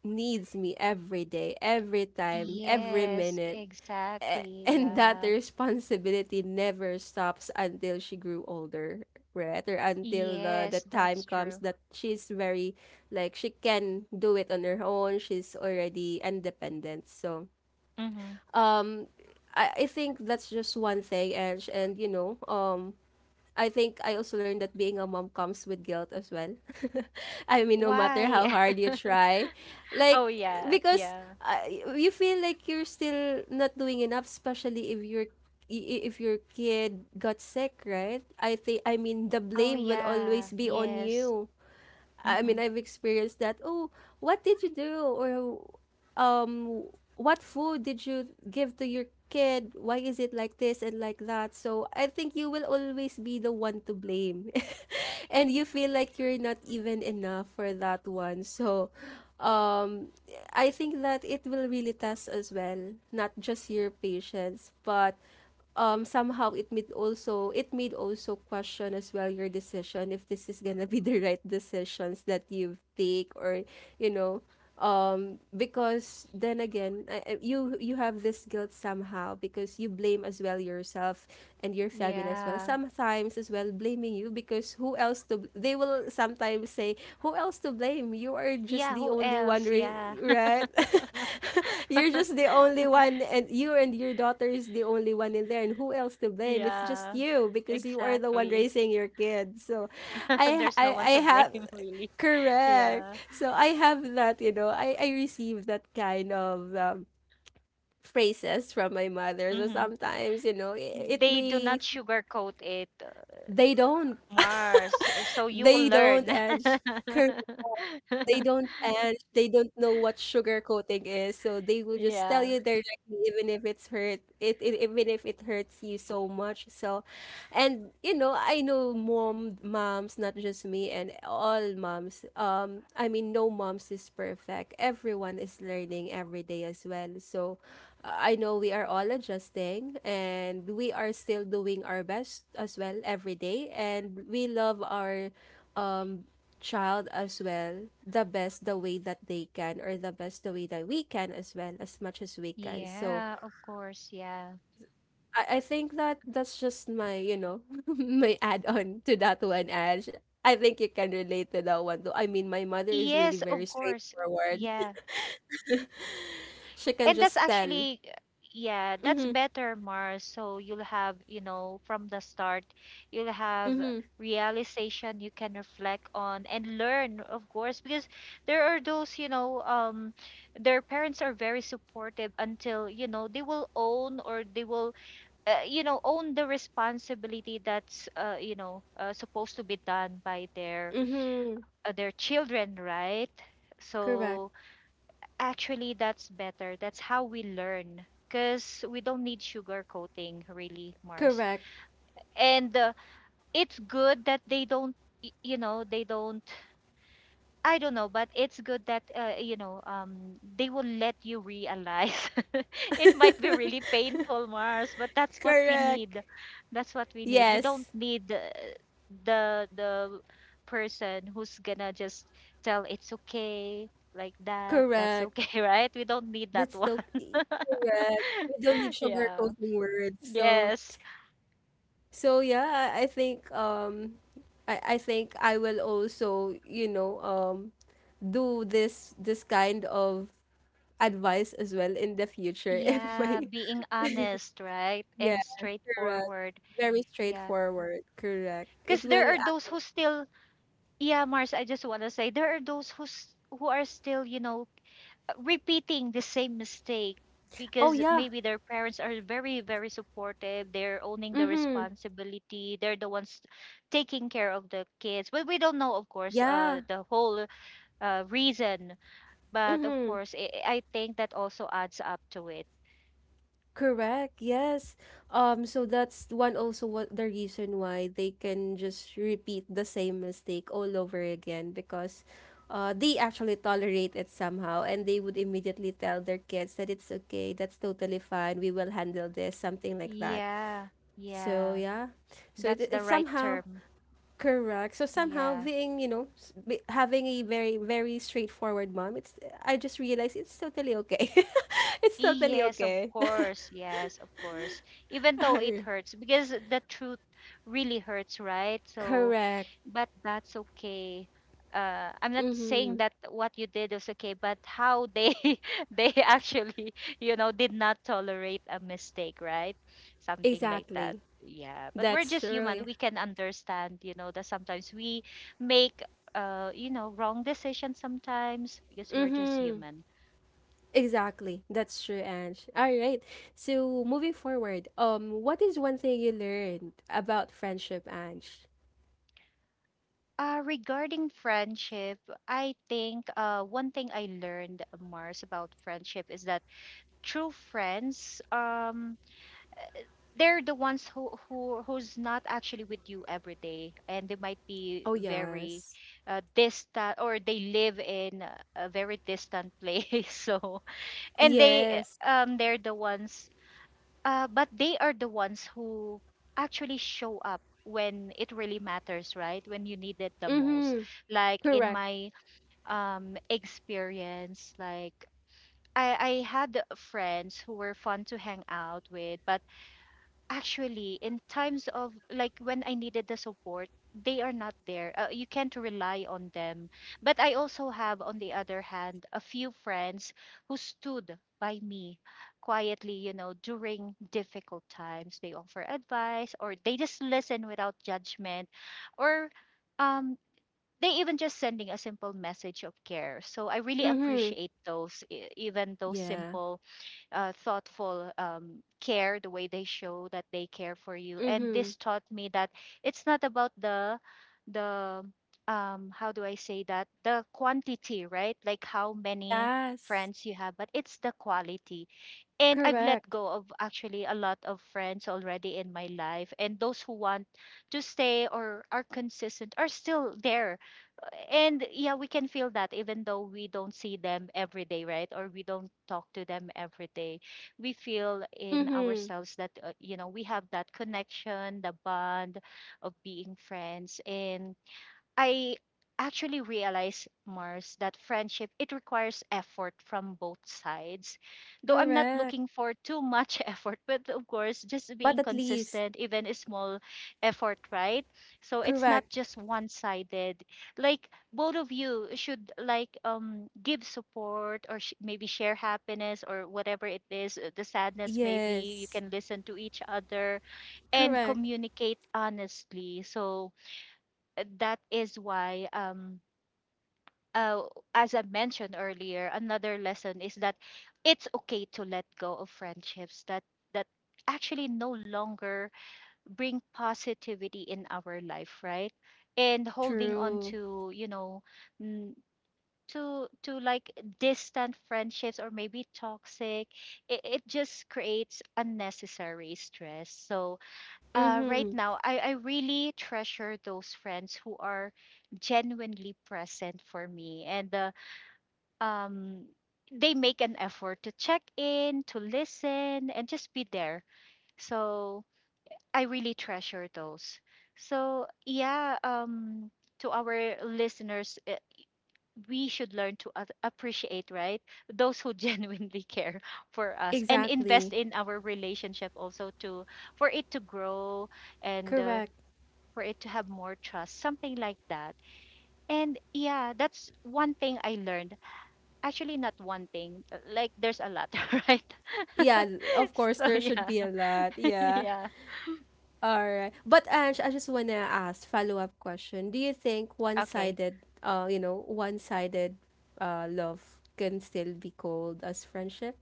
[SPEAKER 1] needs me every day, every time, every
[SPEAKER 2] Yes,
[SPEAKER 1] minute.
[SPEAKER 2] exactly.
[SPEAKER 1] And that
[SPEAKER 2] Yeah.
[SPEAKER 1] responsibility never stops until she grew older, right, or until the
[SPEAKER 2] Yes,
[SPEAKER 1] time
[SPEAKER 2] that's
[SPEAKER 1] comes
[SPEAKER 2] true.
[SPEAKER 1] that she's very, like, she can do it on her own, she's already independent. So
[SPEAKER 2] Mm-hmm.
[SPEAKER 1] um I think that's just one thing. And and you know, I think I also learned that being a mom comes with guilt as well. I mean, no matter how
[SPEAKER 2] Why?
[SPEAKER 1] hard you try,
[SPEAKER 2] Oh
[SPEAKER 1] like
[SPEAKER 2] yeah,
[SPEAKER 1] because
[SPEAKER 2] yeah.
[SPEAKER 1] you feel like you're still not doing enough, especially if your, if your kid got sick, right? I think, I mean, the
[SPEAKER 2] Oh,
[SPEAKER 1] blame will
[SPEAKER 2] yeah.
[SPEAKER 1] always be on
[SPEAKER 2] Yes.
[SPEAKER 1] you. I
[SPEAKER 2] Mm-hmm.
[SPEAKER 1] mean, I've experienced that. Oh, what did you do? Or um, what food did you give to your kid? Why is it like this and like that? So I think you will always be the one to blame. And you feel like you're not even enough for that one. So um, I think that it will really test as well, not just your patience, but somehow it made also, it made also question as well your decision, if this is gonna be the right decisions that you take, or you know, because then again, you, you have this guilt somehow because you blame as well yourself and your family as well
[SPEAKER 2] Yeah.
[SPEAKER 1] sometimes, as well blaming you, because who else to they will sometimes say, who else to blame, you are just
[SPEAKER 2] Yeah,
[SPEAKER 1] the
[SPEAKER 2] who
[SPEAKER 1] only one
[SPEAKER 2] else? Yeah.
[SPEAKER 1] right. You're just the only one, and you and your daughter is the only one in there, and who else to blame, it's just
[SPEAKER 2] Yeah,
[SPEAKER 1] you because you are the one
[SPEAKER 2] exactly.
[SPEAKER 1] raising your kid. So i
[SPEAKER 2] There's
[SPEAKER 1] i,
[SPEAKER 2] no one to
[SPEAKER 1] I have.
[SPEAKER 2] blame, really.
[SPEAKER 1] Correct.
[SPEAKER 2] Yeah.
[SPEAKER 1] So I have that, you know, I receive that kind of phrases from my mother. So
[SPEAKER 2] Mm-hmm.
[SPEAKER 1] sometimes, you know, it
[SPEAKER 2] They do not
[SPEAKER 1] may,
[SPEAKER 2] sugarcoat it.
[SPEAKER 1] they don't,
[SPEAKER 2] Mars, so you
[SPEAKER 1] they
[SPEAKER 2] will
[SPEAKER 1] don't,
[SPEAKER 2] learn.
[SPEAKER 1] and they don't know what sugar coating is, so they will just tell
[SPEAKER 2] Yeah.
[SPEAKER 1] you directly even if it even if it hurts you so much. So and you know, I know moms, not just me, and all moms, I mean, no moms is perfect, everyone is learning every day as well. So I know we are all adjusting and we are still doing our best as well every day, and we love our um child as well the best the way that they can, or the best the way that we can as well, as much as we can. So
[SPEAKER 2] Yeah, of course. Yeah.
[SPEAKER 1] I think that that's just my, you know, my add on to that one, Ash. I think you can relate to that one too. I mean, my mother is really
[SPEAKER 2] Yes,
[SPEAKER 1] very
[SPEAKER 2] of course.
[SPEAKER 1] straightforward.
[SPEAKER 2] Yeah.
[SPEAKER 1] She can
[SPEAKER 2] And that's
[SPEAKER 1] just tell.
[SPEAKER 2] actually, yeah, that's
[SPEAKER 1] Mm-hmm.
[SPEAKER 2] better, Mars. So you'll have, you know, from the start, you'll have
[SPEAKER 1] Mm-hmm.
[SPEAKER 2] realization you can reflect on and learn, of course, because there are those, you know, their parents are very supportive until, you know, they will own, or they will, you know, own the responsibility that's, you know, supposed to be done by their,
[SPEAKER 1] Mm-hmm.
[SPEAKER 2] their children, right?
[SPEAKER 1] Correct.
[SPEAKER 2] So actually that's better. That's how we learn, because we don't need sugar coating, really, Mars.
[SPEAKER 1] Correct.
[SPEAKER 2] And it's good that they don't, you know, they don't, I don't know, but it's good that, you know, they will let you realize. It might be really painful, Mars, but that's what we
[SPEAKER 1] Correct.
[SPEAKER 2] need. That's what we need. We don't
[SPEAKER 1] Yes.
[SPEAKER 2] need, the person who's gonna just tell, "It's okay," like that. "That's
[SPEAKER 1] Correct.
[SPEAKER 2] okay," right? We don't need that
[SPEAKER 1] That's so
[SPEAKER 2] one.
[SPEAKER 1] correct. We don't need
[SPEAKER 2] Yeah.
[SPEAKER 1] sugarcoating words. So
[SPEAKER 2] Yes.
[SPEAKER 1] so yeah, I think I think I will also, you know, do this kind of advice as well in the future if
[SPEAKER 2] Yeah,
[SPEAKER 1] my,
[SPEAKER 2] being honest, right?
[SPEAKER 1] yeah,
[SPEAKER 2] And
[SPEAKER 1] correct.
[SPEAKER 2] straightforward.
[SPEAKER 1] Very
[SPEAKER 2] Yeah.
[SPEAKER 1] straightforward, correct.
[SPEAKER 2] Because
[SPEAKER 1] It
[SPEAKER 2] there
[SPEAKER 1] will
[SPEAKER 2] are those who still Yeah, Mars, I just want to say there are those who's who are still, you know, repeating the same mistake
[SPEAKER 1] oh
[SPEAKER 2] because
[SPEAKER 1] yeah.
[SPEAKER 2] maybe their parents are very, very supportive. They're owning the
[SPEAKER 1] Mhm.
[SPEAKER 2] responsibility. They're the ones taking care of the kids. But we don't know, of course,
[SPEAKER 1] Yeah.
[SPEAKER 2] the whole reason. But of
[SPEAKER 1] Mhm.
[SPEAKER 2] course, I think that also adds up to it.
[SPEAKER 1] Correct. Yes. Um, so that's one also what the reason why they can just repeat the same mistake all over again, because they actually tolerate it somehow, and they would immediately tell their kids that it's okay, that's totally fine, we will handle this, something like that.
[SPEAKER 2] Yeah,
[SPEAKER 1] So
[SPEAKER 2] yeah,
[SPEAKER 1] yeah. So
[SPEAKER 2] that's the
[SPEAKER 1] it's
[SPEAKER 2] right
[SPEAKER 1] somehow
[SPEAKER 2] term.
[SPEAKER 1] correct. So somehow
[SPEAKER 2] Yeah.
[SPEAKER 1] being, you know, having a very very straightforward mom, it's, I just realized it's totally okay. It's totally
[SPEAKER 2] Yes, of
[SPEAKER 1] okay.
[SPEAKER 2] course. Yes, of course. Even though it hurts, because the truth really hurts, right? So,
[SPEAKER 1] Correct.
[SPEAKER 2] but that's okay. I'm not saying
[SPEAKER 1] Mm-hmm.
[SPEAKER 2] that what you did was okay, but how they they actually, you know, did not tolerate a mistake, right? Something like that.
[SPEAKER 1] Exactly.
[SPEAKER 2] Yeah, but we're
[SPEAKER 1] That's
[SPEAKER 2] just human.
[SPEAKER 1] true.
[SPEAKER 2] We can understand, you know, that sometimes we make, you know, wrong decisions sometimes, because
[SPEAKER 1] Yeah.
[SPEAKER 2] we're just
[SPEAKER 1] Mm-hmm.
[SPEAKER 2] human.
[SPEAKER 1] Exactly. That's true, Ange. All right. So moving forward, what is one thing you learned about friendship, Ange?
[SPEAKER 2] Regarding friendship, I think one thing I learned, Mars, about friendship is that true friends, they're the ones who, who's not actually with you every day, and they might be
[SPEAKER 1] Oh
[SPEAKER 2] very
[SPEAKER 1] yes.
[SPEAKER 2] distant, or they live in a very distant place. So, and they
[SPEAKER 1] Yes.
[SPEAKER 2] they're the ones but they are the ones who actually show up when it really matters, right? When you need it the most.
[SPEAKER 1] Mm-hmm.
[SPEAKER 2] Like in
[SPEAKER 1] Correct.
[SPEAKER 2] my experience, like I had friends who were fun to hang out with, but actually in times of, like, when I needed the support, they are not there. You can't rely on them. But I also have, on the other hand, a few friends who stood by me quietly, you know, during difficult times. They offer advice, or they just listen without judgment, or um they even just sending a simple message of care. So I really
[SPEAKER 1] Mm-hmm.
[SPEAKER 2] appreciate those, even those
[SPEAKER 1] Yeah.
[SPEAKER 2] simple thoughtful care, the way they show that they care for you. And
[SPEAKER 1] Mm-hmm.
[SPEAKER 2] this taught me that it's not about the how do I say that, the quantity, right? Like, how many
[SPEAKER 1] Yes.
[SPEAKER 2] friends you have, but it's the quality. And I've let
[SPEAKER 1] Correct.
[SPEAKER 2] go of actually a lot of friends already in my life, and those who want to stay or are consistent are still there. And yeah, we can feel that even though we don't see them every day, right, or we don't talk to them every day, we feel in
[SPEAKER 1] Mm-hmm.
[SPEAKER 2] ourselves that, you know, we have that connection, the bond of being friends. And I actually realize, Mars, that friendship, it requires effort from both sides. Though I'm not
[SPEAKER 1] Correct.
[SPEAKER 2] looking for too much effort, but of course, just
[SPEAKER 1] But
[SPEAKER 2] being
[SPEAKER 1] at least.
[SPEAKER 2] consistent, even a small effort, right? So it's not
[SPEAKER 1] Correct.
[SPEAKER 2] just one-sided. Like, both of you should like give support, or maybe share happiness, or whatever it is, the sadness. Maybe you
[SPEAKER 1] Yes.
[SPEAKER 2] can listen to each other and
[SPEAKER 1] Correct.
[SPEAKER 2] communicate honestly. So that is why uh, as I mentioned earlier, another lesson is that it's okay to let go of friendships that that actually no longer bring positivity in our life, right? And holding on
[SPEAKER 1] True.
[SPEAKER 2] to, you know, mm, to like distant friendships, or maybe toxic, it just creates unnecessary stress. So right
[SPEAKER 1] Mm-hmm.
[SPEAKER 2] now, I really treasure those friends who are genuinely present for me, and um, they make an effort to check in, to listen, and just be there. So I really treasure those. So, yeah, to our listeners, we should learn to appreciate, right? Those who genuinely care for us, and invest
[SPEAKER 1] Exactly.
[SPEAKER 2] in our relationship also to for it to grow, and
[SPEAKER 1] Correct.
[SPEAKER 2] for it to have more trust, something like that. And yeah, that's one thing I learned. Actually, not one thing, like, there's a lot, right?
[SPEAKER 1] Yeah, of course
[SPEAKER 2] So
[SPEAKER 1] there should
[SPEAKER 2] yeah,
[SPEAKER 1] be a lot. Yeah.
[SPEAKER 2] yeah,
[SPEAKER 1] All right. But Ange, I just wanna ask follow-up question. Do you think
[SPEAKER 2] okay.
[SPEAKER 1] one-sided, uh, you know, one-sided love can still be called as friendship?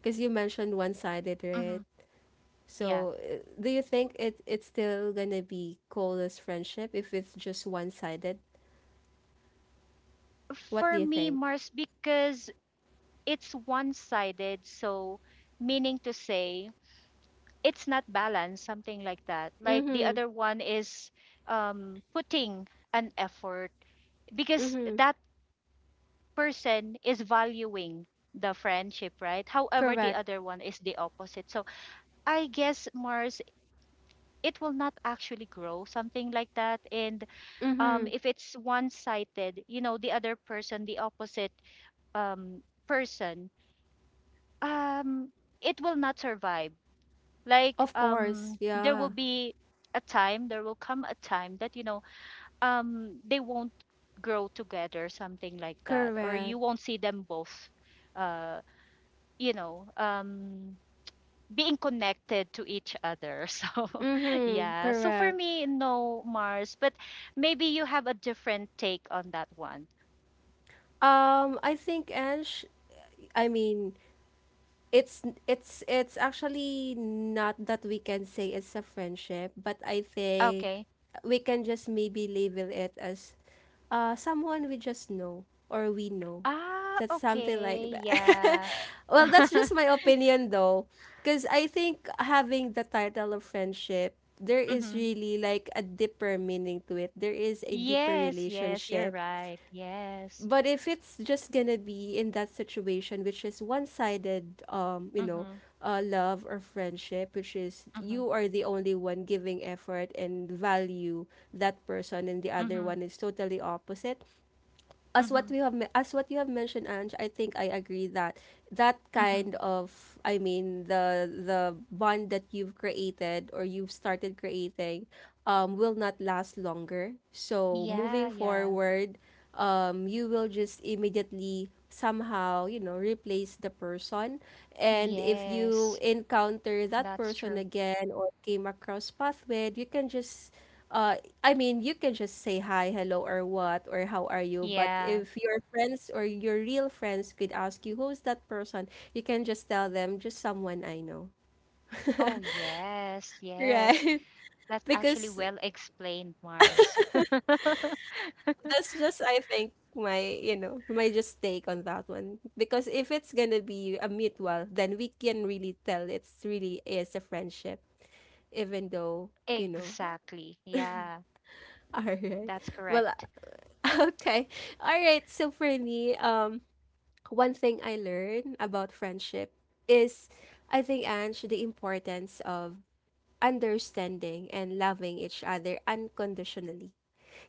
[SPEAKER 1] Because you mentioned one-sided, right?
[SPEAKER 2] Hmm. Yeah.
[SPEAKER 1] So, do you think it's still gonna be called as friendship if it's just one-sided? What do
[SPEAKER 2] For
[SPEAKER 1] you
[SPEAKER 2] me,
[SPEAKER 1] think?
[SPEAKER 2] Mars, because it's one sided, so meaning to say it's not balanced, something like that. Like, the
[SPEAKER 1] Mm-hmm.
[SPEAKER 2] other one is putting an effort because
[SPEAKER 1] Mm-hmm.
[SPEAKER 2] that person is valuing the friendship, right? However, the
[SPEAKER 1] Correct.
[SPEAKER 2] other one is the opposite. So I guess, Mars, it will not actually grow, something like that. And
[SPEAKER 1] Mm-hmm.
[SPEAKER 2] if it's one-sided, you know, the other person, the opposite um, person, um, it will not survive. Like,
[SPEAKER 1] Of course.
[SPEAKER 2] there will
[SPEAKER 1] Yeah.
[SPEAKER 2] be a time, there will come a time that, you know, they won't grow together, something like that, or you
[SPEAKER 1] Correct.
[SPEAKER 2] won't see them both. Uh, you know, being connected to each other. So,
[SPEAKER 1] Mm-hmm,
[SPEAKER 2] yeah. So for
[SPEAKER 1] correct.
[SPEAKER 2] me, no, Mars, but maybe you have a different take on that one.
[SPEAKER 1] I think, Ange, I mean, it's actually not that we can say it's a friendship, but I think
[SPEAKER 2] Okay.
[SPEAKER 1] we can just maybe label it as someone we just know or we know.
[SPEAKER 2] Ah,
[SPEAKER 1] That's something
[SPEAKER 2] okay.
[SPEAKER 1] like that.
[SPEAKER 2] Yeah.
[SPEAKER 1] well, that's just my opinion though, because I think having the title of friendship, there is
[SPEAKER 2] Hmm.
[SPEAKER 1] really like a deeper meaning to it. There is a deeper
[SPEAKER 2] Yes, yes, you're
[SPEAKER 1] relationship,
[SPEAKER 2] right. Yes.
[SPEAKER 1] but if it's just gonna be in that situation which is one-sided,
[SPEAKER 2] Mm-hmm,
[SPEAKER 1] love or friendship, which is
[SPEAKER 2] mm-hmm,
[SPEAKER 1] you are the only one giving effort and value that person and the other
[SPEAKER 2] mm-hmm,
[SPEAKER 1] one is totally opposite. as
[SPEAKER 2] mm-hmm,
[SPEAKER 1] what we have me- as what you have mentioned, Ange, I think I agree that that
[SPEAKER 2] mm-hmm.
[SPEAKER 1] kind of, I mean, the bond that you've created or you've started creating will not last longer. So
[SPEAKER 2] Yeah,
[SPEAKER 1] moving
[SPEAKER 2] yeah.
[SPEAKER 1] forward, you will just immediately somehow replace the person. And if you
[SPEAKER 2] Yes,
[SPEAKER 1] encounter that
[SPEAKER 2] that's
[SPEAKER 1] person
[SPEAKER 2] true.
[SPEAKER 1] again or came across path with, you can just uh say hi, hello, or what, or how are you, but
[SPEAKER 2] Yeah.
[SPEAKER 1] if your friends or your real friends could ask you who's that person, you can just tell them just someone I know.
[SPEAKER 2] Oh, yes, yes.
[SPEAKER 1] Right.
[SPEAKER 2] That's actually
[SPEAKER 1] Because
[SPEAKER 2] well explained, Mars.
[SPEAKER 1] that's just, I think, my just take on that one. Because if it's gonna be a mutual, then we can really tell it's really is a friendship, even though, you know,
[SPEAKER 2] Exactly. Yeah,
[SPEAKER 1] all right.
[SPEAKER 2] that's
[SPEAKER 1] Well,
[SPEAKER 2] correct.
[SPEAKER 1] okay. All right. So for me, one thing I learned about friendship is, I think, Ange, the importance of understanding and loving each other unconditionally.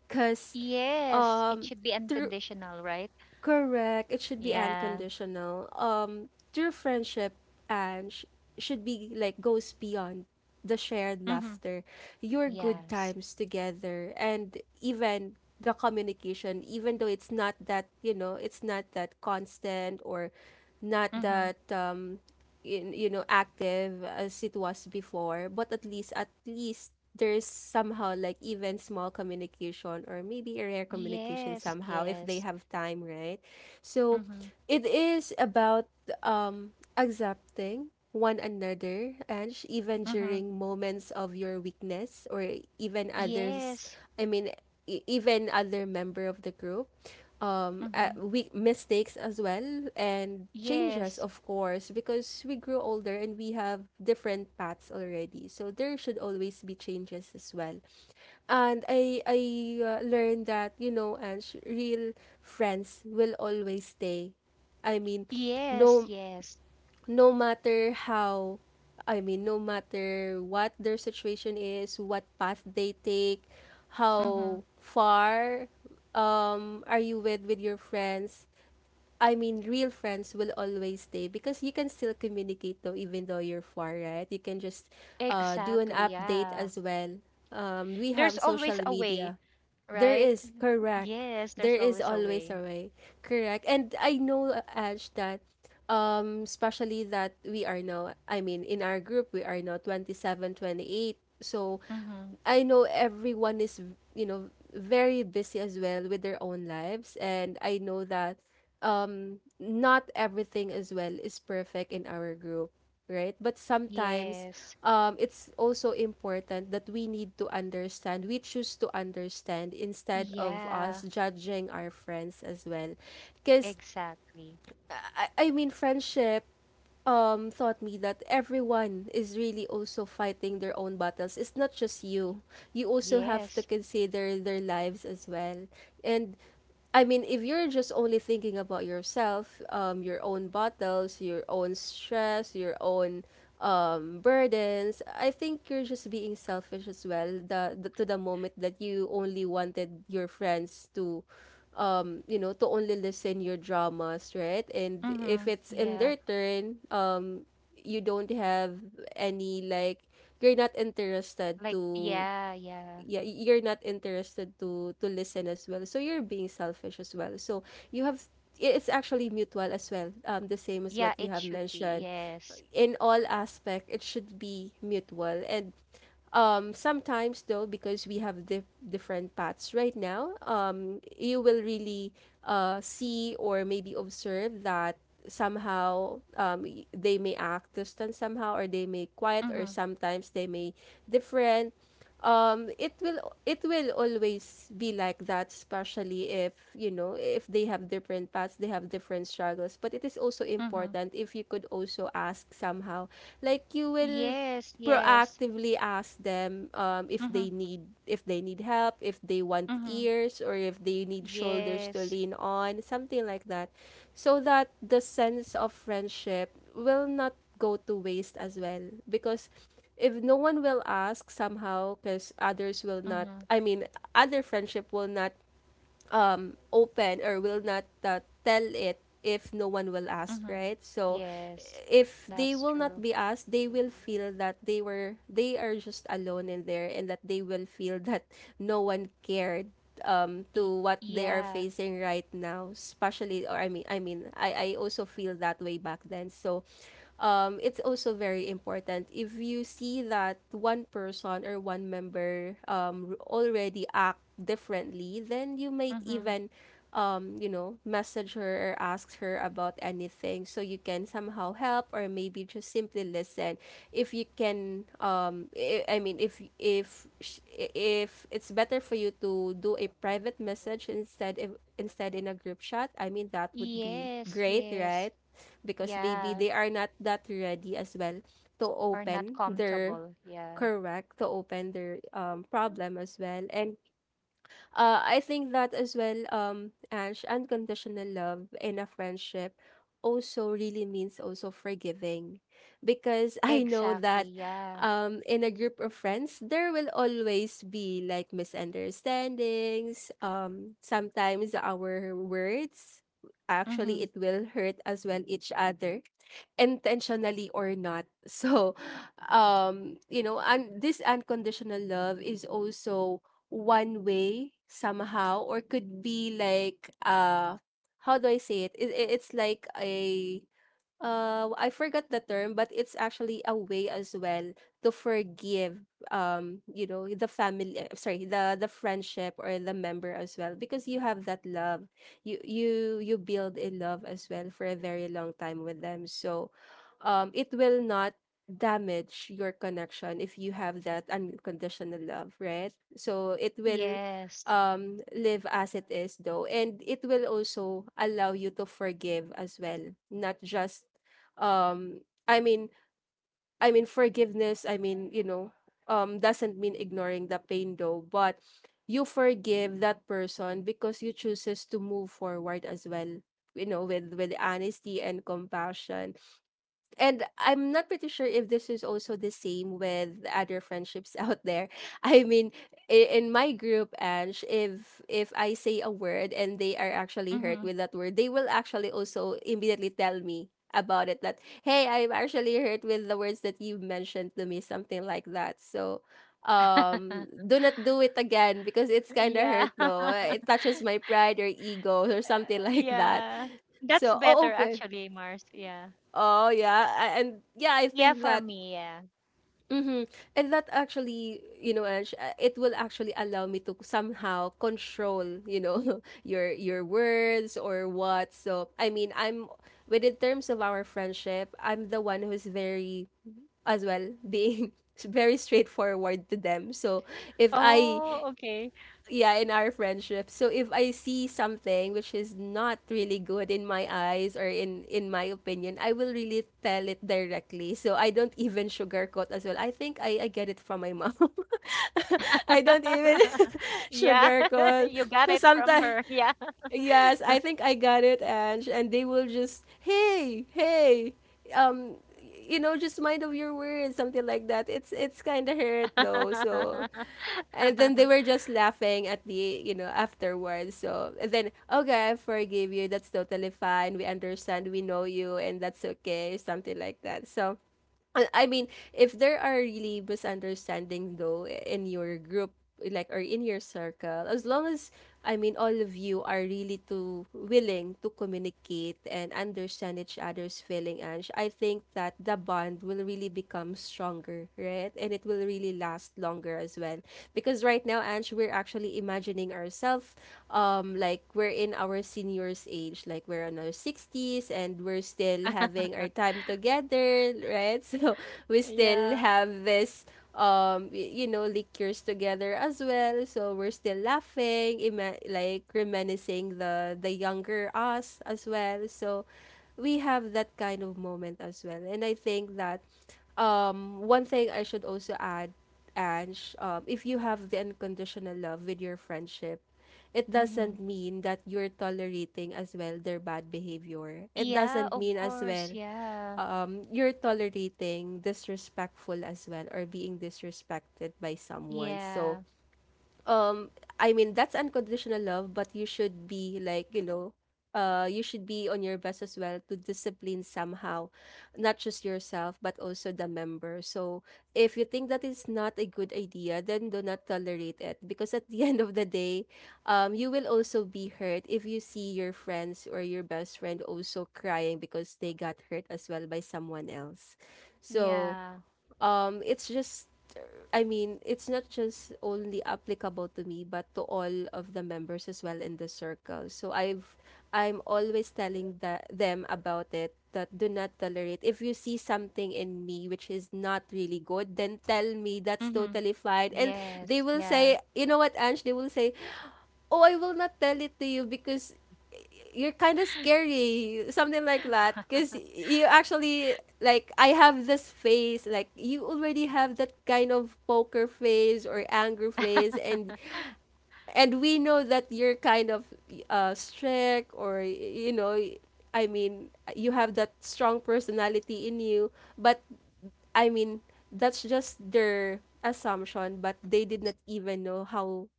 [SPEAKER 1] Because
[SPEAKER 2] Yes, it
[SPEAKER 1] um,
[SPEAKER 2] should be
[SPEAKER 1] through.
[SPEAKER 2] unconditional, right?
[SPEAKER 1] Correct. It should be
[SPEAKER 2] Yeah.
[SPEAKER 1] unconditional. True friendship and sh- should be like goes beyond the shared
[SPEAKER 2] Mm-hmm.
[SPEAKER 1] laughter, your good
[SPEAKER 2] Yes.
[SPEAKER 1] times together, and even the communication. Even though it's not that, it's not that constant or not
[SPEAKER 2] Mm-hmm.
[SPEAKER 1] that in, active as it was before, but at least there's somehow like even small communication or maybe a rare communication
[SPEAKER 2] Yes.
[SPEAKER 1] somehow if they
[SPEAKER 2] Yes.
[SPEAKER 1] have time, right? So
[SPEAKER 2] Mm-hmm.
[SPEAKER 1] it is about accepting one another even
[SPEAKER 2] Mm-hmm.
[SPEAKER 1] during moments of your weakness, or even others,
[SPEAKER 2] Yes.
[SPEAKER 1] i mean even other member of the group.
[SPEAKER 2] Mm-hmm.
[SPEAKER 1] We mistakes as well, and changes,
[SPEAKER 2] Yes.
[SPEAKER 1] of course, because we grew older and we have different paths already, so there should always be changes as well. And I learned that, and real friends will always stay. I mean
[SPEAKER 2] Yes.
[SPEAKER 1] no
[SPEAKER 2] Yes.
[SPEAKER 1] no matter how I mean No matter what their situation is, what path they take,
[SPEAKER 2] Mm-hmm.
[SPEAKER 1] how far are you with your friends? I mean, real friends will always stay because you can still communicate though, even though you're far, right? You can just do an
[SPEAKER 2] Exactly.
[SPEAKER 1] update
[SPEAKER 2] Yeah.
[SPEAKER 1] as well. We
[SPEAKER 2] There's
[SPEAKER 1] have social
[SPEAKER 2] always a way,
[SPEAKER 1] media. There
[SPEAKER 2] right?
[SPEAKER 1] is, correct.
[SPEAKER 2] Yes,
[SPEAKER 1] There
[SPEAKER 2] there's
[SPEAKER 1] is
[SPEAKER 2] always a
[SPEAKER 1] always
[SPEAKER 2] way.
[SPEAKER 1] a way. Correct. And I know, Ash, that especially that we are now, I mean, in our group we are now 27, 28. So
[SPEAKER 2] Mm-hmm.
[SPEAKER 1] I know everyone is, very busy as well with their own lives, and I know that not everything as well is perfect in our group, right? But sometimes
[SPEAKER 2] Yes.
[SPEAKER 1] it's also important that we choose to understand instead of us
[SPEAKER 2] Yeah.
[SPEAKER 1] judging our friends as well, because
[SPEAKER 2] Exactly.
[SPEAKER 1] friendship taught me that everyone is really also fighting their own battles. It's not just You also have to
[SPEAKER 2] Yes.
[SPEAKER 1] consider their lives as well. And I mean, if you're just only thinking about yourself, your own battles, your own stress, your own burdens, I think you're just being selfish as well. The to the moment that you only wanted your friends to, to only listen your dramas, right? And if
[SPEAKER 2] Mm-hmm.
[SPEAKER 1] it's in
[SPEAKER 2] Yeah.
[SPEAKER 1] their turn, you don't have any, like, you're not interested
[SPEAKER 2] Like,
[SPEAKER 1] to.
[SPEAKER 2] yeah, yeah.
[SPEAKER 1] yeah you're not interested to listen as well, so you're being selfish as well. So you have, it's actually mutual as well, the same as
[SPEAKER 2] Yeah,
[SPEAKER 1] what you
[SPEAKER 2] it
[SPEAKER 1] have
[SPEAKER 2] should be.
[SPEAKER 1] mentioned.
[SPEAKER 2] Yes.
[SPEAKER 1] In all aspect it should be mutual. And sometimes though, because we have different paths right now, you will really see or maybe observe that somehow, they may act distant somehow, or they may quiet, or
[SPEAKER 2] Mm-hmm.
[SPEAKER 1] sometimes they may different. um it will it will always be like that, especially if you know if they have different paths, they have different struggles. But it is also
[SPEAKER 2] Mm-hmm.
[SPEAKER 1] important if you could also ask somehow, like, you will
[SPEAKER 2] Yes, yes.
[SPEAKER 1] proactively ask them, if
[SPEAKER 2] Mm-hmm.
[SPEAKER 1] they need, if they need help, if they want
[SPEAKER 2] Mm-hmm.
[SPEAKER 1] ears, or if they need shoulders to
[SPEAKER 2] Yes.
[SPEAKER 1] lean on, something like that. So that the sense of friendship will not go to waste as well, because if no one will ask somehow, because
[SPEAKER 2] Mm-hmm.
[SPEAKER 1] other friendship will not open, or will not tell it, if no one will ask,
[SPEAKER 2] Mm-hmm.
[SPEAKER 1] right? So
[SPEAKER 2] Yes.
[SPEAKER 1] if they
[SPEAKER 2] That's
[SPEAKER 1] will
[SPEAKER 2] true.
[SPEAKER 1] not be asked, they will feel that they are just alone in there, and that they will feel that no one cared to
[SPEAKER 2] Y
[SPEAKER 1] what they are
[SPEAKER 2] Yeah.
[SPEAKER 1] facing right now, especially. Or I also feel that way back then. So it's also very important, if you see that one person or one member already act differently, then you might
[SPEAKER 2] Mm-hmm.
[SPEAKER 1] even, message her or ask her about anything so you can somehow help or maybe just simply listen, if you can. If it's better for you to do a private message, instead if, instead, in a group chat, I mean, that would be
[SPEAKER 2] Yes,
[SPEAKER 1] great,
[SPEAKER 2] yes.
[SPEAKER 1] right? Because maybe
[SPEAKER 2] Yeah.
[SPEAKER 1] they are not that ready as well to
[SPEAKER 2] Or not
[SPEAKER 1] open their,
[SPEAKER 2] comfortable. Yeah.
[SPEAKER 1] correct, to open their problem as well. And I think that as well, Ange, unconditional love in a friendship also really means also forgiving, because I know
[SPEAKER 2] Exactly.
[SPEAKER 1] that
[SPEAKER 2] Yeah.
[SPEAKER 1] in a group of friends, there will always be like misunderstandings. Sometimes our words actually
[SPEAKER 2] Mm-hmm.
[SPEAKER 1] it will hurt as well each other, intentionally or not. so and this unconditional love is also one way somehow, or could be like, how do I say it? It's like a, I forgot the term, but it's actually a way as well to forgive, the family, sorry, the friendship or the member as well, because you have that love. You you build a love as well for a very long time with them. So it will not damage your connection if you have that unconditional love, right? So it will
[SPEAKER 2] Yes.
[SPEAKER 1] live as it is though, and it will also allow you to forgive as well, not just um i mean forgiveness. Doesn't mean ignoring the pain though, but you forgive that person because you chooses to move forward as well, with honesty and compassion. And I'm not pretty sure if this is also the same with other friendships out there. I mean, in my group, Ange, if I say a word and they are actually hurt
[SPEAKER 2] Mm-hmm.
[SPEAKER 1] with that word, they will actually also immediately tell me about it, that hey, I'm actually hurt with the words that you mentioned to me, something like that. So do not do it again, because it's kind of
[SPEAKER 2] Yeah.
[SPEAKER 1] hurt though, it touches my pride or ego or something like that.
[SPEAKER 2] Yeah. That's
[SPEAKER 1] So, oh,
[SPEAKER 2] better
[SPEAKER 1] okay.
[SPEAKER 2] actually, Mars. Yeah.
[SPEAKER 1] Oh yeah, and yeah, I
[SPEAKER 2] Yeah,
[SPEAKER 1] think
[SPEAKER 2] for
[SPEAKER 1] that.
[SPEAKER 2] me, yeah.
[SPEAKER 1] mhm. And that actually, you know, Ange, it will actually allow me to somehow control, your words or what. So I mean, but in terms of our friendship, I'm the one who's very as well being very straightforward to them. So if I
[SPEAKER 2] Oh, okay.
[SPEAKER 1] Yeah, in our friendship, so if I see something which is not really good in my eyes or in my opinion, I will really tell it directly. So I don't even sugarcoat as well. I get it from my mom. I don't even
[SPEAKER 2] Yeah,
[SPEAKER 1] sugarcoat.
[SPEAKER 2] you got
[SPEAKER 1] So
[SPEAKER 2] it from
[SPEAKER 1] sometimes,
[SPEAKER 2] her. Yeah.
[SPEAKER 1] yes, I think I got it. And they will just, hey, hey, um you know, just mind of your words, something like that. It's kind of hurt though. So and then they were just laughing at the, afterwards. So and then, okay, I forgive you. That's totally fine. We understand. We know you, and that's okay. Something like that. So I mean, if there are really misunderstanding though in your group, like or in your circle, as long as I mean all of you are really too willing to communicate and understand each other's feeling, and I think that the bond will really become stronger, right? And it will really last longer as well. Because right now, Ange, we're actually imagining ourselves like we're in our seniors age, like we're in our 60s and we're still having our time together, right? So we still
[SPEAKER 2] Yeah.
[SPEAKER 1] have this you know, liquors together as well, so we're still laughing, like reminiscing the younger us as well. So we have that kind of moment as well, and I think that one thing I should also add, Ange, if you have the unconditional love with your friendship, it doesn't
[SPEAKER 2] Hmm.
[SPEAKER 1] mean that you're tolerating as well their bad behavior. It
[SPEAKER 2] Yeah,
[SPEAKER 1] doesn't
[SPEAKER 2] of
[SPEAKER 1] mean as
[SPEAKER 2] course.
[SPEAKER 1] well
[SPEAKER 2] Yeah.
[SPEAKER 1] you're tolerating disrespectful as well or being disrespected by someone. So
[SPEAKER 2] Yeah.
[SPEAKER 1] um I mean, that's unconditional love, but you should be like, you know, you should be on your best as well to discipline somehow, not just yourself but also the member. So if you think that is not a good idea, then do not tolerate it, because at the end of the day, you will also be hurt if you see your friends or your best friend also crying because they got hurt as well by someone else. So
[SPEAKER 2] Yeah.
[SPEAKER 1] it's just I mean, it's not just only applicable to me, but to all of the members as well in the circle. I'm always telling that them about it that do not tolerate. If you see something in me which is not really good, then tell me. That's
[SPEAKER 2] Hmm.
[SPEAKER 1] totally fine. And
[SPEAKER 2] Yes.
[SPEAKER 1] they will
[SPEAKER 2] Yeah.
[SPEAKER 1] say, you know what, Ange? They will say, oh, I will not tell it to you because you're kind of scary, something like that. Because you actually, like, I have this face, like, you already have that kind of poker face or anger face, and we know that you're kind of strict or, you know, I mean, you have that strong personality in you, but I mean, that's just their assumption, but they did not even know how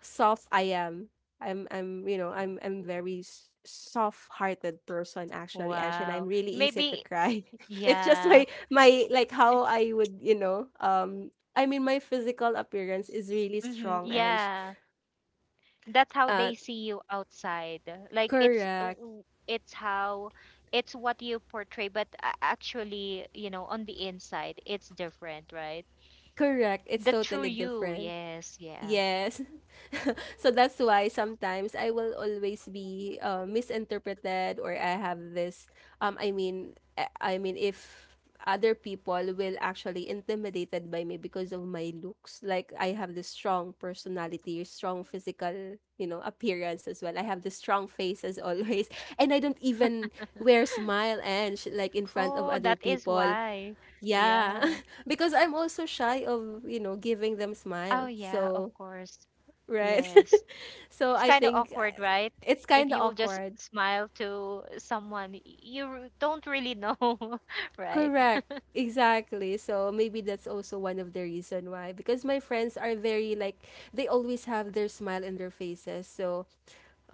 [SPEAKER 1] soft I am. I'm you know, I'm very soft-hearted person actually, Ange, and
[SPEAKER 2] Wow.
[SPEAKER 1] I'm really easy to
[SPEAKER 2] Maybe,
[SPEAKER 1] cry. It's just
[SPEAKER 2] yeah.
[SPEAKER 1] my like how I would, I mean, my physical appearance is really
[SPEAKER 2] Hmm.
[SPEAKER 1] strong, Ange.
[SPEAKER 2] Yeah. That's how
[SPEAKER 1] Uh,
[SPEAKER 2] they see you outside, like,
[SPEAKER 1] Correct,
[SPEAKER 2] it's how, it's what you portray, but actually, you know, on the inside, it's different, right?
[SPEAKER 1] correct. It's
[SPEAKER 2] The true
[SPEAKER 1] totally
[SPEAKER 2] you.
[SPEAKER 1] different.
[SPEAKER 2] Yes, yeah.
[SPEAKER 1] Yes. So that's why sometimes I will always be misinterpreted or I have this I mean I mean if other people will actually intimidated by me because of my looks, like I have this strong personality, strong physical, you know, appearance as well. I have this strong face as always, and I don't even wear smile and like in front of
[SPEAKER 2] Oh,
[SPEAKER 1] other
[SPEAKER 2] that is
[SPEAKER 1] people.
[SPEAKER 2] why.
[SPEAKER 1] Yeah,
[SPEAKER 2] Yeah.
[SPEAKER 1] because I'm also shy of, you know, giving them
[SPEAKER 2] Oh
[SPEAKER 1] smile.
[SPEAKER 2] yeah, of
[SPEAKER 1] So
[SPEAKER 2] course.
[SPEAKER 1] right?
[SPEAKER 2] Yes.
[SPEAKER 1] So
[SPEAKER 2] It's
[SPEAKER 1] I
[SPEAKER 2] kind of
[SPEAKER 1] think
[SPEAKER 2] awkward, right?
[SPEAKER 1] it's
[SPEAKER 2] If
[SPEAKER 1] kind of
[SPEAKER 2] you will just
[SPEAKER 1] awkward.
[SPEAKER 2] smile to someone don't really know. Right.
[SPEAKER 1] Correct. Exactly. So maybe that's also one of the reason why, because my friends are very like they always have their smile in their faces. So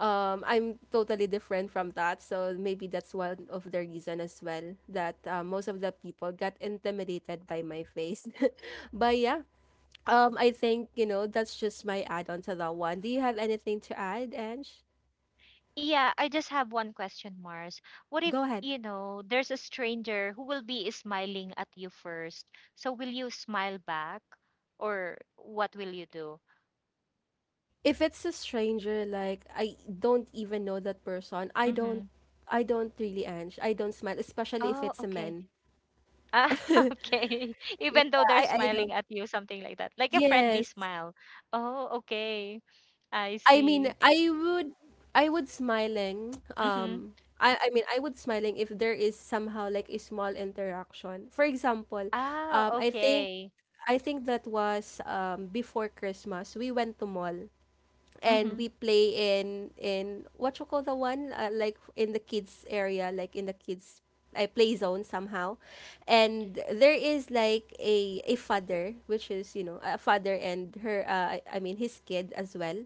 [SPEAKER 1] I'm totally different from that. So maybe that's one of the reason as well that most of the people got intimidated by my face. But yeah, I think, you know, that's just my add-on to that one. Do you have anything to add, Ange?
[SPEAKER 2] Yeah, I just have one question, Mars. What if,
[SPEAKER 1] Go ahead.
[SPEAKER 2] you know, there's a stranger who will be smiling at you first? So will you smile back, or what will you do?
[SPEAKER 1] If it's a stranger, like I don't even know that person, I don't,
[SPEAKER 2] Mm-hmm.
[SPEAKER 1] I don't really, Ange, I don't smile, especially if
[SPEAKER 2] Oh,
[SPEAKER 1] it's a
[SPEAKER 2] okay.
[SPEAKER 1] man.
[SPEAKER 2] Ah,
[SPEAKER 1] Yeah,
[SPEAKER 2] okay. Even though they're
[SPEAKER 1] I
[SPEAKER 2] smiling
[SPEAKER 1] don't.
[SPEAKER 2] at you, something like that. Like, a friendly
[SPEAKER 1] Yes.
[SPEAKER 2] smile. Oh, okay. I
[SPEAKER 1] I mean,
[SPEAKER 2] see.
[SPEAKER 1] I would smiling,
[SPEAKER 2] Mm-hmm.
[SPEAKER 1] I mean, I would smiling if there is somehow like a small interaction. For example,
[SPEAKER 2] Ah,
[SPEAKER 1] um I think
[SPEAKER 2] okay.
[SPEAKER 1] I think that was before Christmas, we went to mall and
[SPEAKER 2] Mm-hmm.
[SPEAKER 1] we play in what you call the one, like in the kids area, like in the kids I play zone somehow, and there is like a father which is, you know, a father and her, I mean his kid as well,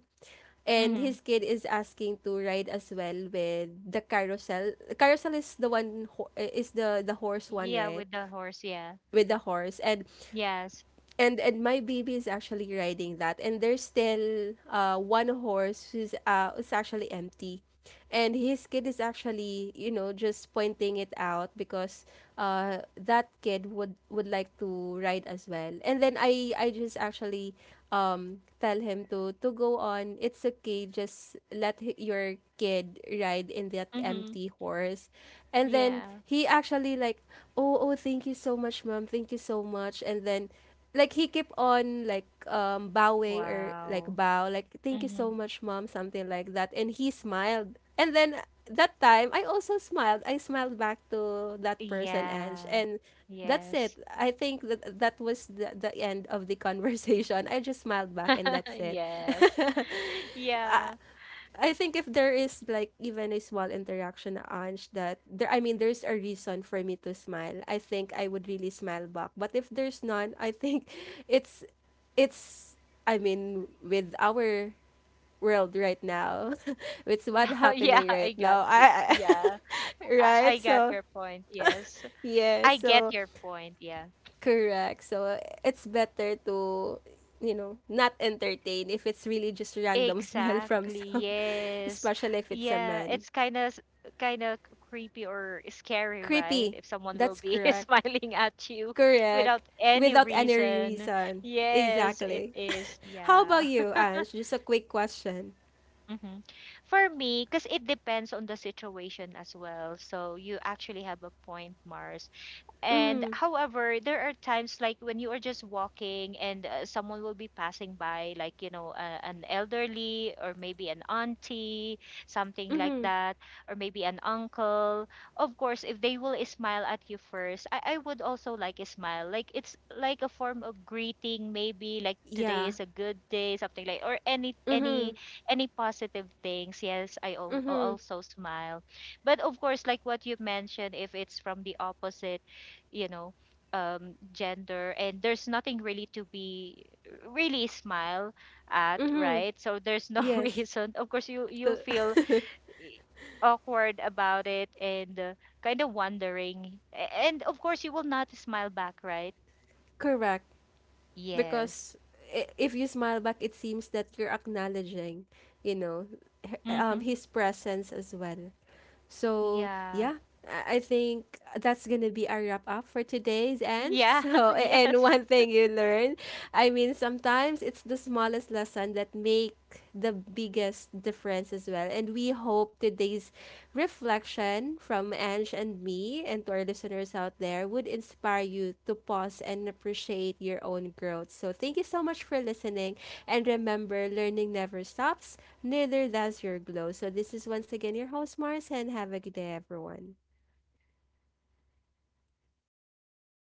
[SPEAKER 1] and
[SPEAKER 2] Mm-hmm.
[SPEAKER 1] his kid is asking to ride as well with the carousel. Carousel is the one, is the horse one,
[SPEAKER 2] Yeah,
[SPEAKER 1] right?
[SPEAKER 2] with the horse, yeah.
[SPEAKER 1] With the horse, and
[SPEAKER 2] Yes.
[SPEAKER 1] and and my baby is actually riding that, and there's still, uh, one horse who's, uh, is actually empty, and his kid is actually, you know, just pointing it out because, uh, that kid would like to ride as well. And then I just actually tell him to go on, it's okay, just let your kid ride in that
[SPEAKER 2] Mm-hmm.
[SPEAKER 1] empty horse. And then
[SPEAKER 2] Yeah.
[SPEAKER 1] he actually like, oh, oh, thank you so much, mom, thank you so much. And then like he kept on like bowing or like
[SPEAKER 2] Wow.
[SPEAKER 1] bow, like thank you so
[SPEAKER 2] Mm-hmm.
[SPEAKER 1] much, mom, something like that. And he smiled, and then that time I also smiled, I smiled back to that person, Ange.
[SPEAKER 2] Yeah.
[SPEAKER 1] And that's
[SPEAKER 2] Yes.
[SPEAKER 1] it. I think that that was the end of the conversation. I just smiled back, and that's it.
[SPEAKER 2] Yes.
[SPEAKER 1] I,
[SPEAKER 2] Yeah.
[SPEAKER 1] I think if there is like even a small interaction, Ange, that there, I mean, there's a reason for me to smile. I think I would really smile back. But if there's none, I think it's it's I mean, with our world right now, with what
[SPEAKER 2] Yeah,
[SPEAKER 1] happening
[SPEAKER 2] I
[SPEAKER 1] right
[SPEAKER 2] got
[SPEAKER 1] now.
[SPEAKER 2] you. Yeah.
[SPEAKER 1] I
[SPEAKER 2] I
[SPEAKER 1] right?
[SPEAKER 2] got
[SPEAKER 1] So
[SPEAKER 2] your point. Yes.
[SPEAKER 1] yeah,
[SPEAKER 2] I get
[SPEAKER 1] so
[SPEAKER 2] your point. Yeah.
[SPEAKER 1] correct. So it's better to, you know, not entertain if it's really just random smile from
[SPEAKER 2] Exactly.
[SPEAKER 1] some,
[SPEAKER 2] Yes.
[SPEAKER 1] especially if it's a
[SPEAKER 2] Yeah,
[SPEAKER 1] man.
[SPEAKER 2] it's kind of creepy or scary, right?
[SPEAKER 1] Creepy.
[SPEAKER 2] If someone will
[SPEAKER 1] That's
[SPEAKER 2] be
[SPEAKER 1] correct.
[SPEAKER 2] smiling at you without
[SPEAKER 1] Correct.
[SPEAKER 2] any
[SPEAKER 1] Without any
[SPEAKER 2] reason.
[SPEAKER 1] reason.
[SPEAKER 2] Yes, it
[SPEAKER 1] Exactly.
[SPEAKER 2] is.
[SPEAKER 1] How about
[SPEAKER 2] Yeah.
[SPEAKER 1] you, Ange? Just a quick question.
[SPEAKER 2] Mm-hmm. For me, because it depends on the situation as well. So you actually have a point, Mars. And
[SPEAKER 1] Mm-hmm.
[SPEAKER 2] however, there are times, like, when you are just walking and someone will be passing by, like, you know, an elderly, or maybe an auntie, something like
[SPEAKER 1] Mm-hmm.
[SPEAKER 2] that, or maybe an uncle. Of course, if they will smile at you first, I would also like a smile. Like, it's like a form of greeting, maybe like today
[SPEAKER 1] Yeah.
[SPEAKER 2] is a good day, something like, or any,
[SPEAKER 1] Mm-hmm.
[SPEAKER 2] any positive things. Yes, I
[SPEAKER 1] Mm-hmm.
[SPEAKER 2] also smile. But of course, like what you mentioned, if it's from the opposite, you know, gender, and there's nothing really to be really smile at,
[SPEAKER 1] Mm-hmm.
[SPEAKER 2] right? So there's no
[SPEAKER 1] Yes.
[SPEAKER 2] reason, of course. You'll
[SPEAKER 1] The
[SPEAKER 2] feel i- awkward about it, and, kind of wondering. And of course, you will not smile back, right?
[SPEAKER 1] correct.
[SPEAKER 2] Yes.
[SPEAKER 1] Because if you smile back, it seems that you're acknowledging, you know,
[SPEAKER 2] Mhm.
[SPEAKER 1] his presence as well. So
[SPEAKER 2] Yeah.
[SPEAKER 1] yeah, I think that's gonna be our wrap up for today's, Ange.
[SPEAKER 2] Yeah.
[SPEAKER 1] So, and
[SPEAKER 2] Yes.
[SPEAKER 1] one thing you learn, I mean, sometimes it's the smallest lesson that make the biggest difference as well. And we hope today's reflection from Ange and me and to our listeners out there would inspire you to pause and appreciate your own growth. So, thank you so much for listening. And remember, learning never stops, neither does your glow. So, this is once again your host, Mars, and have a good day, everyone.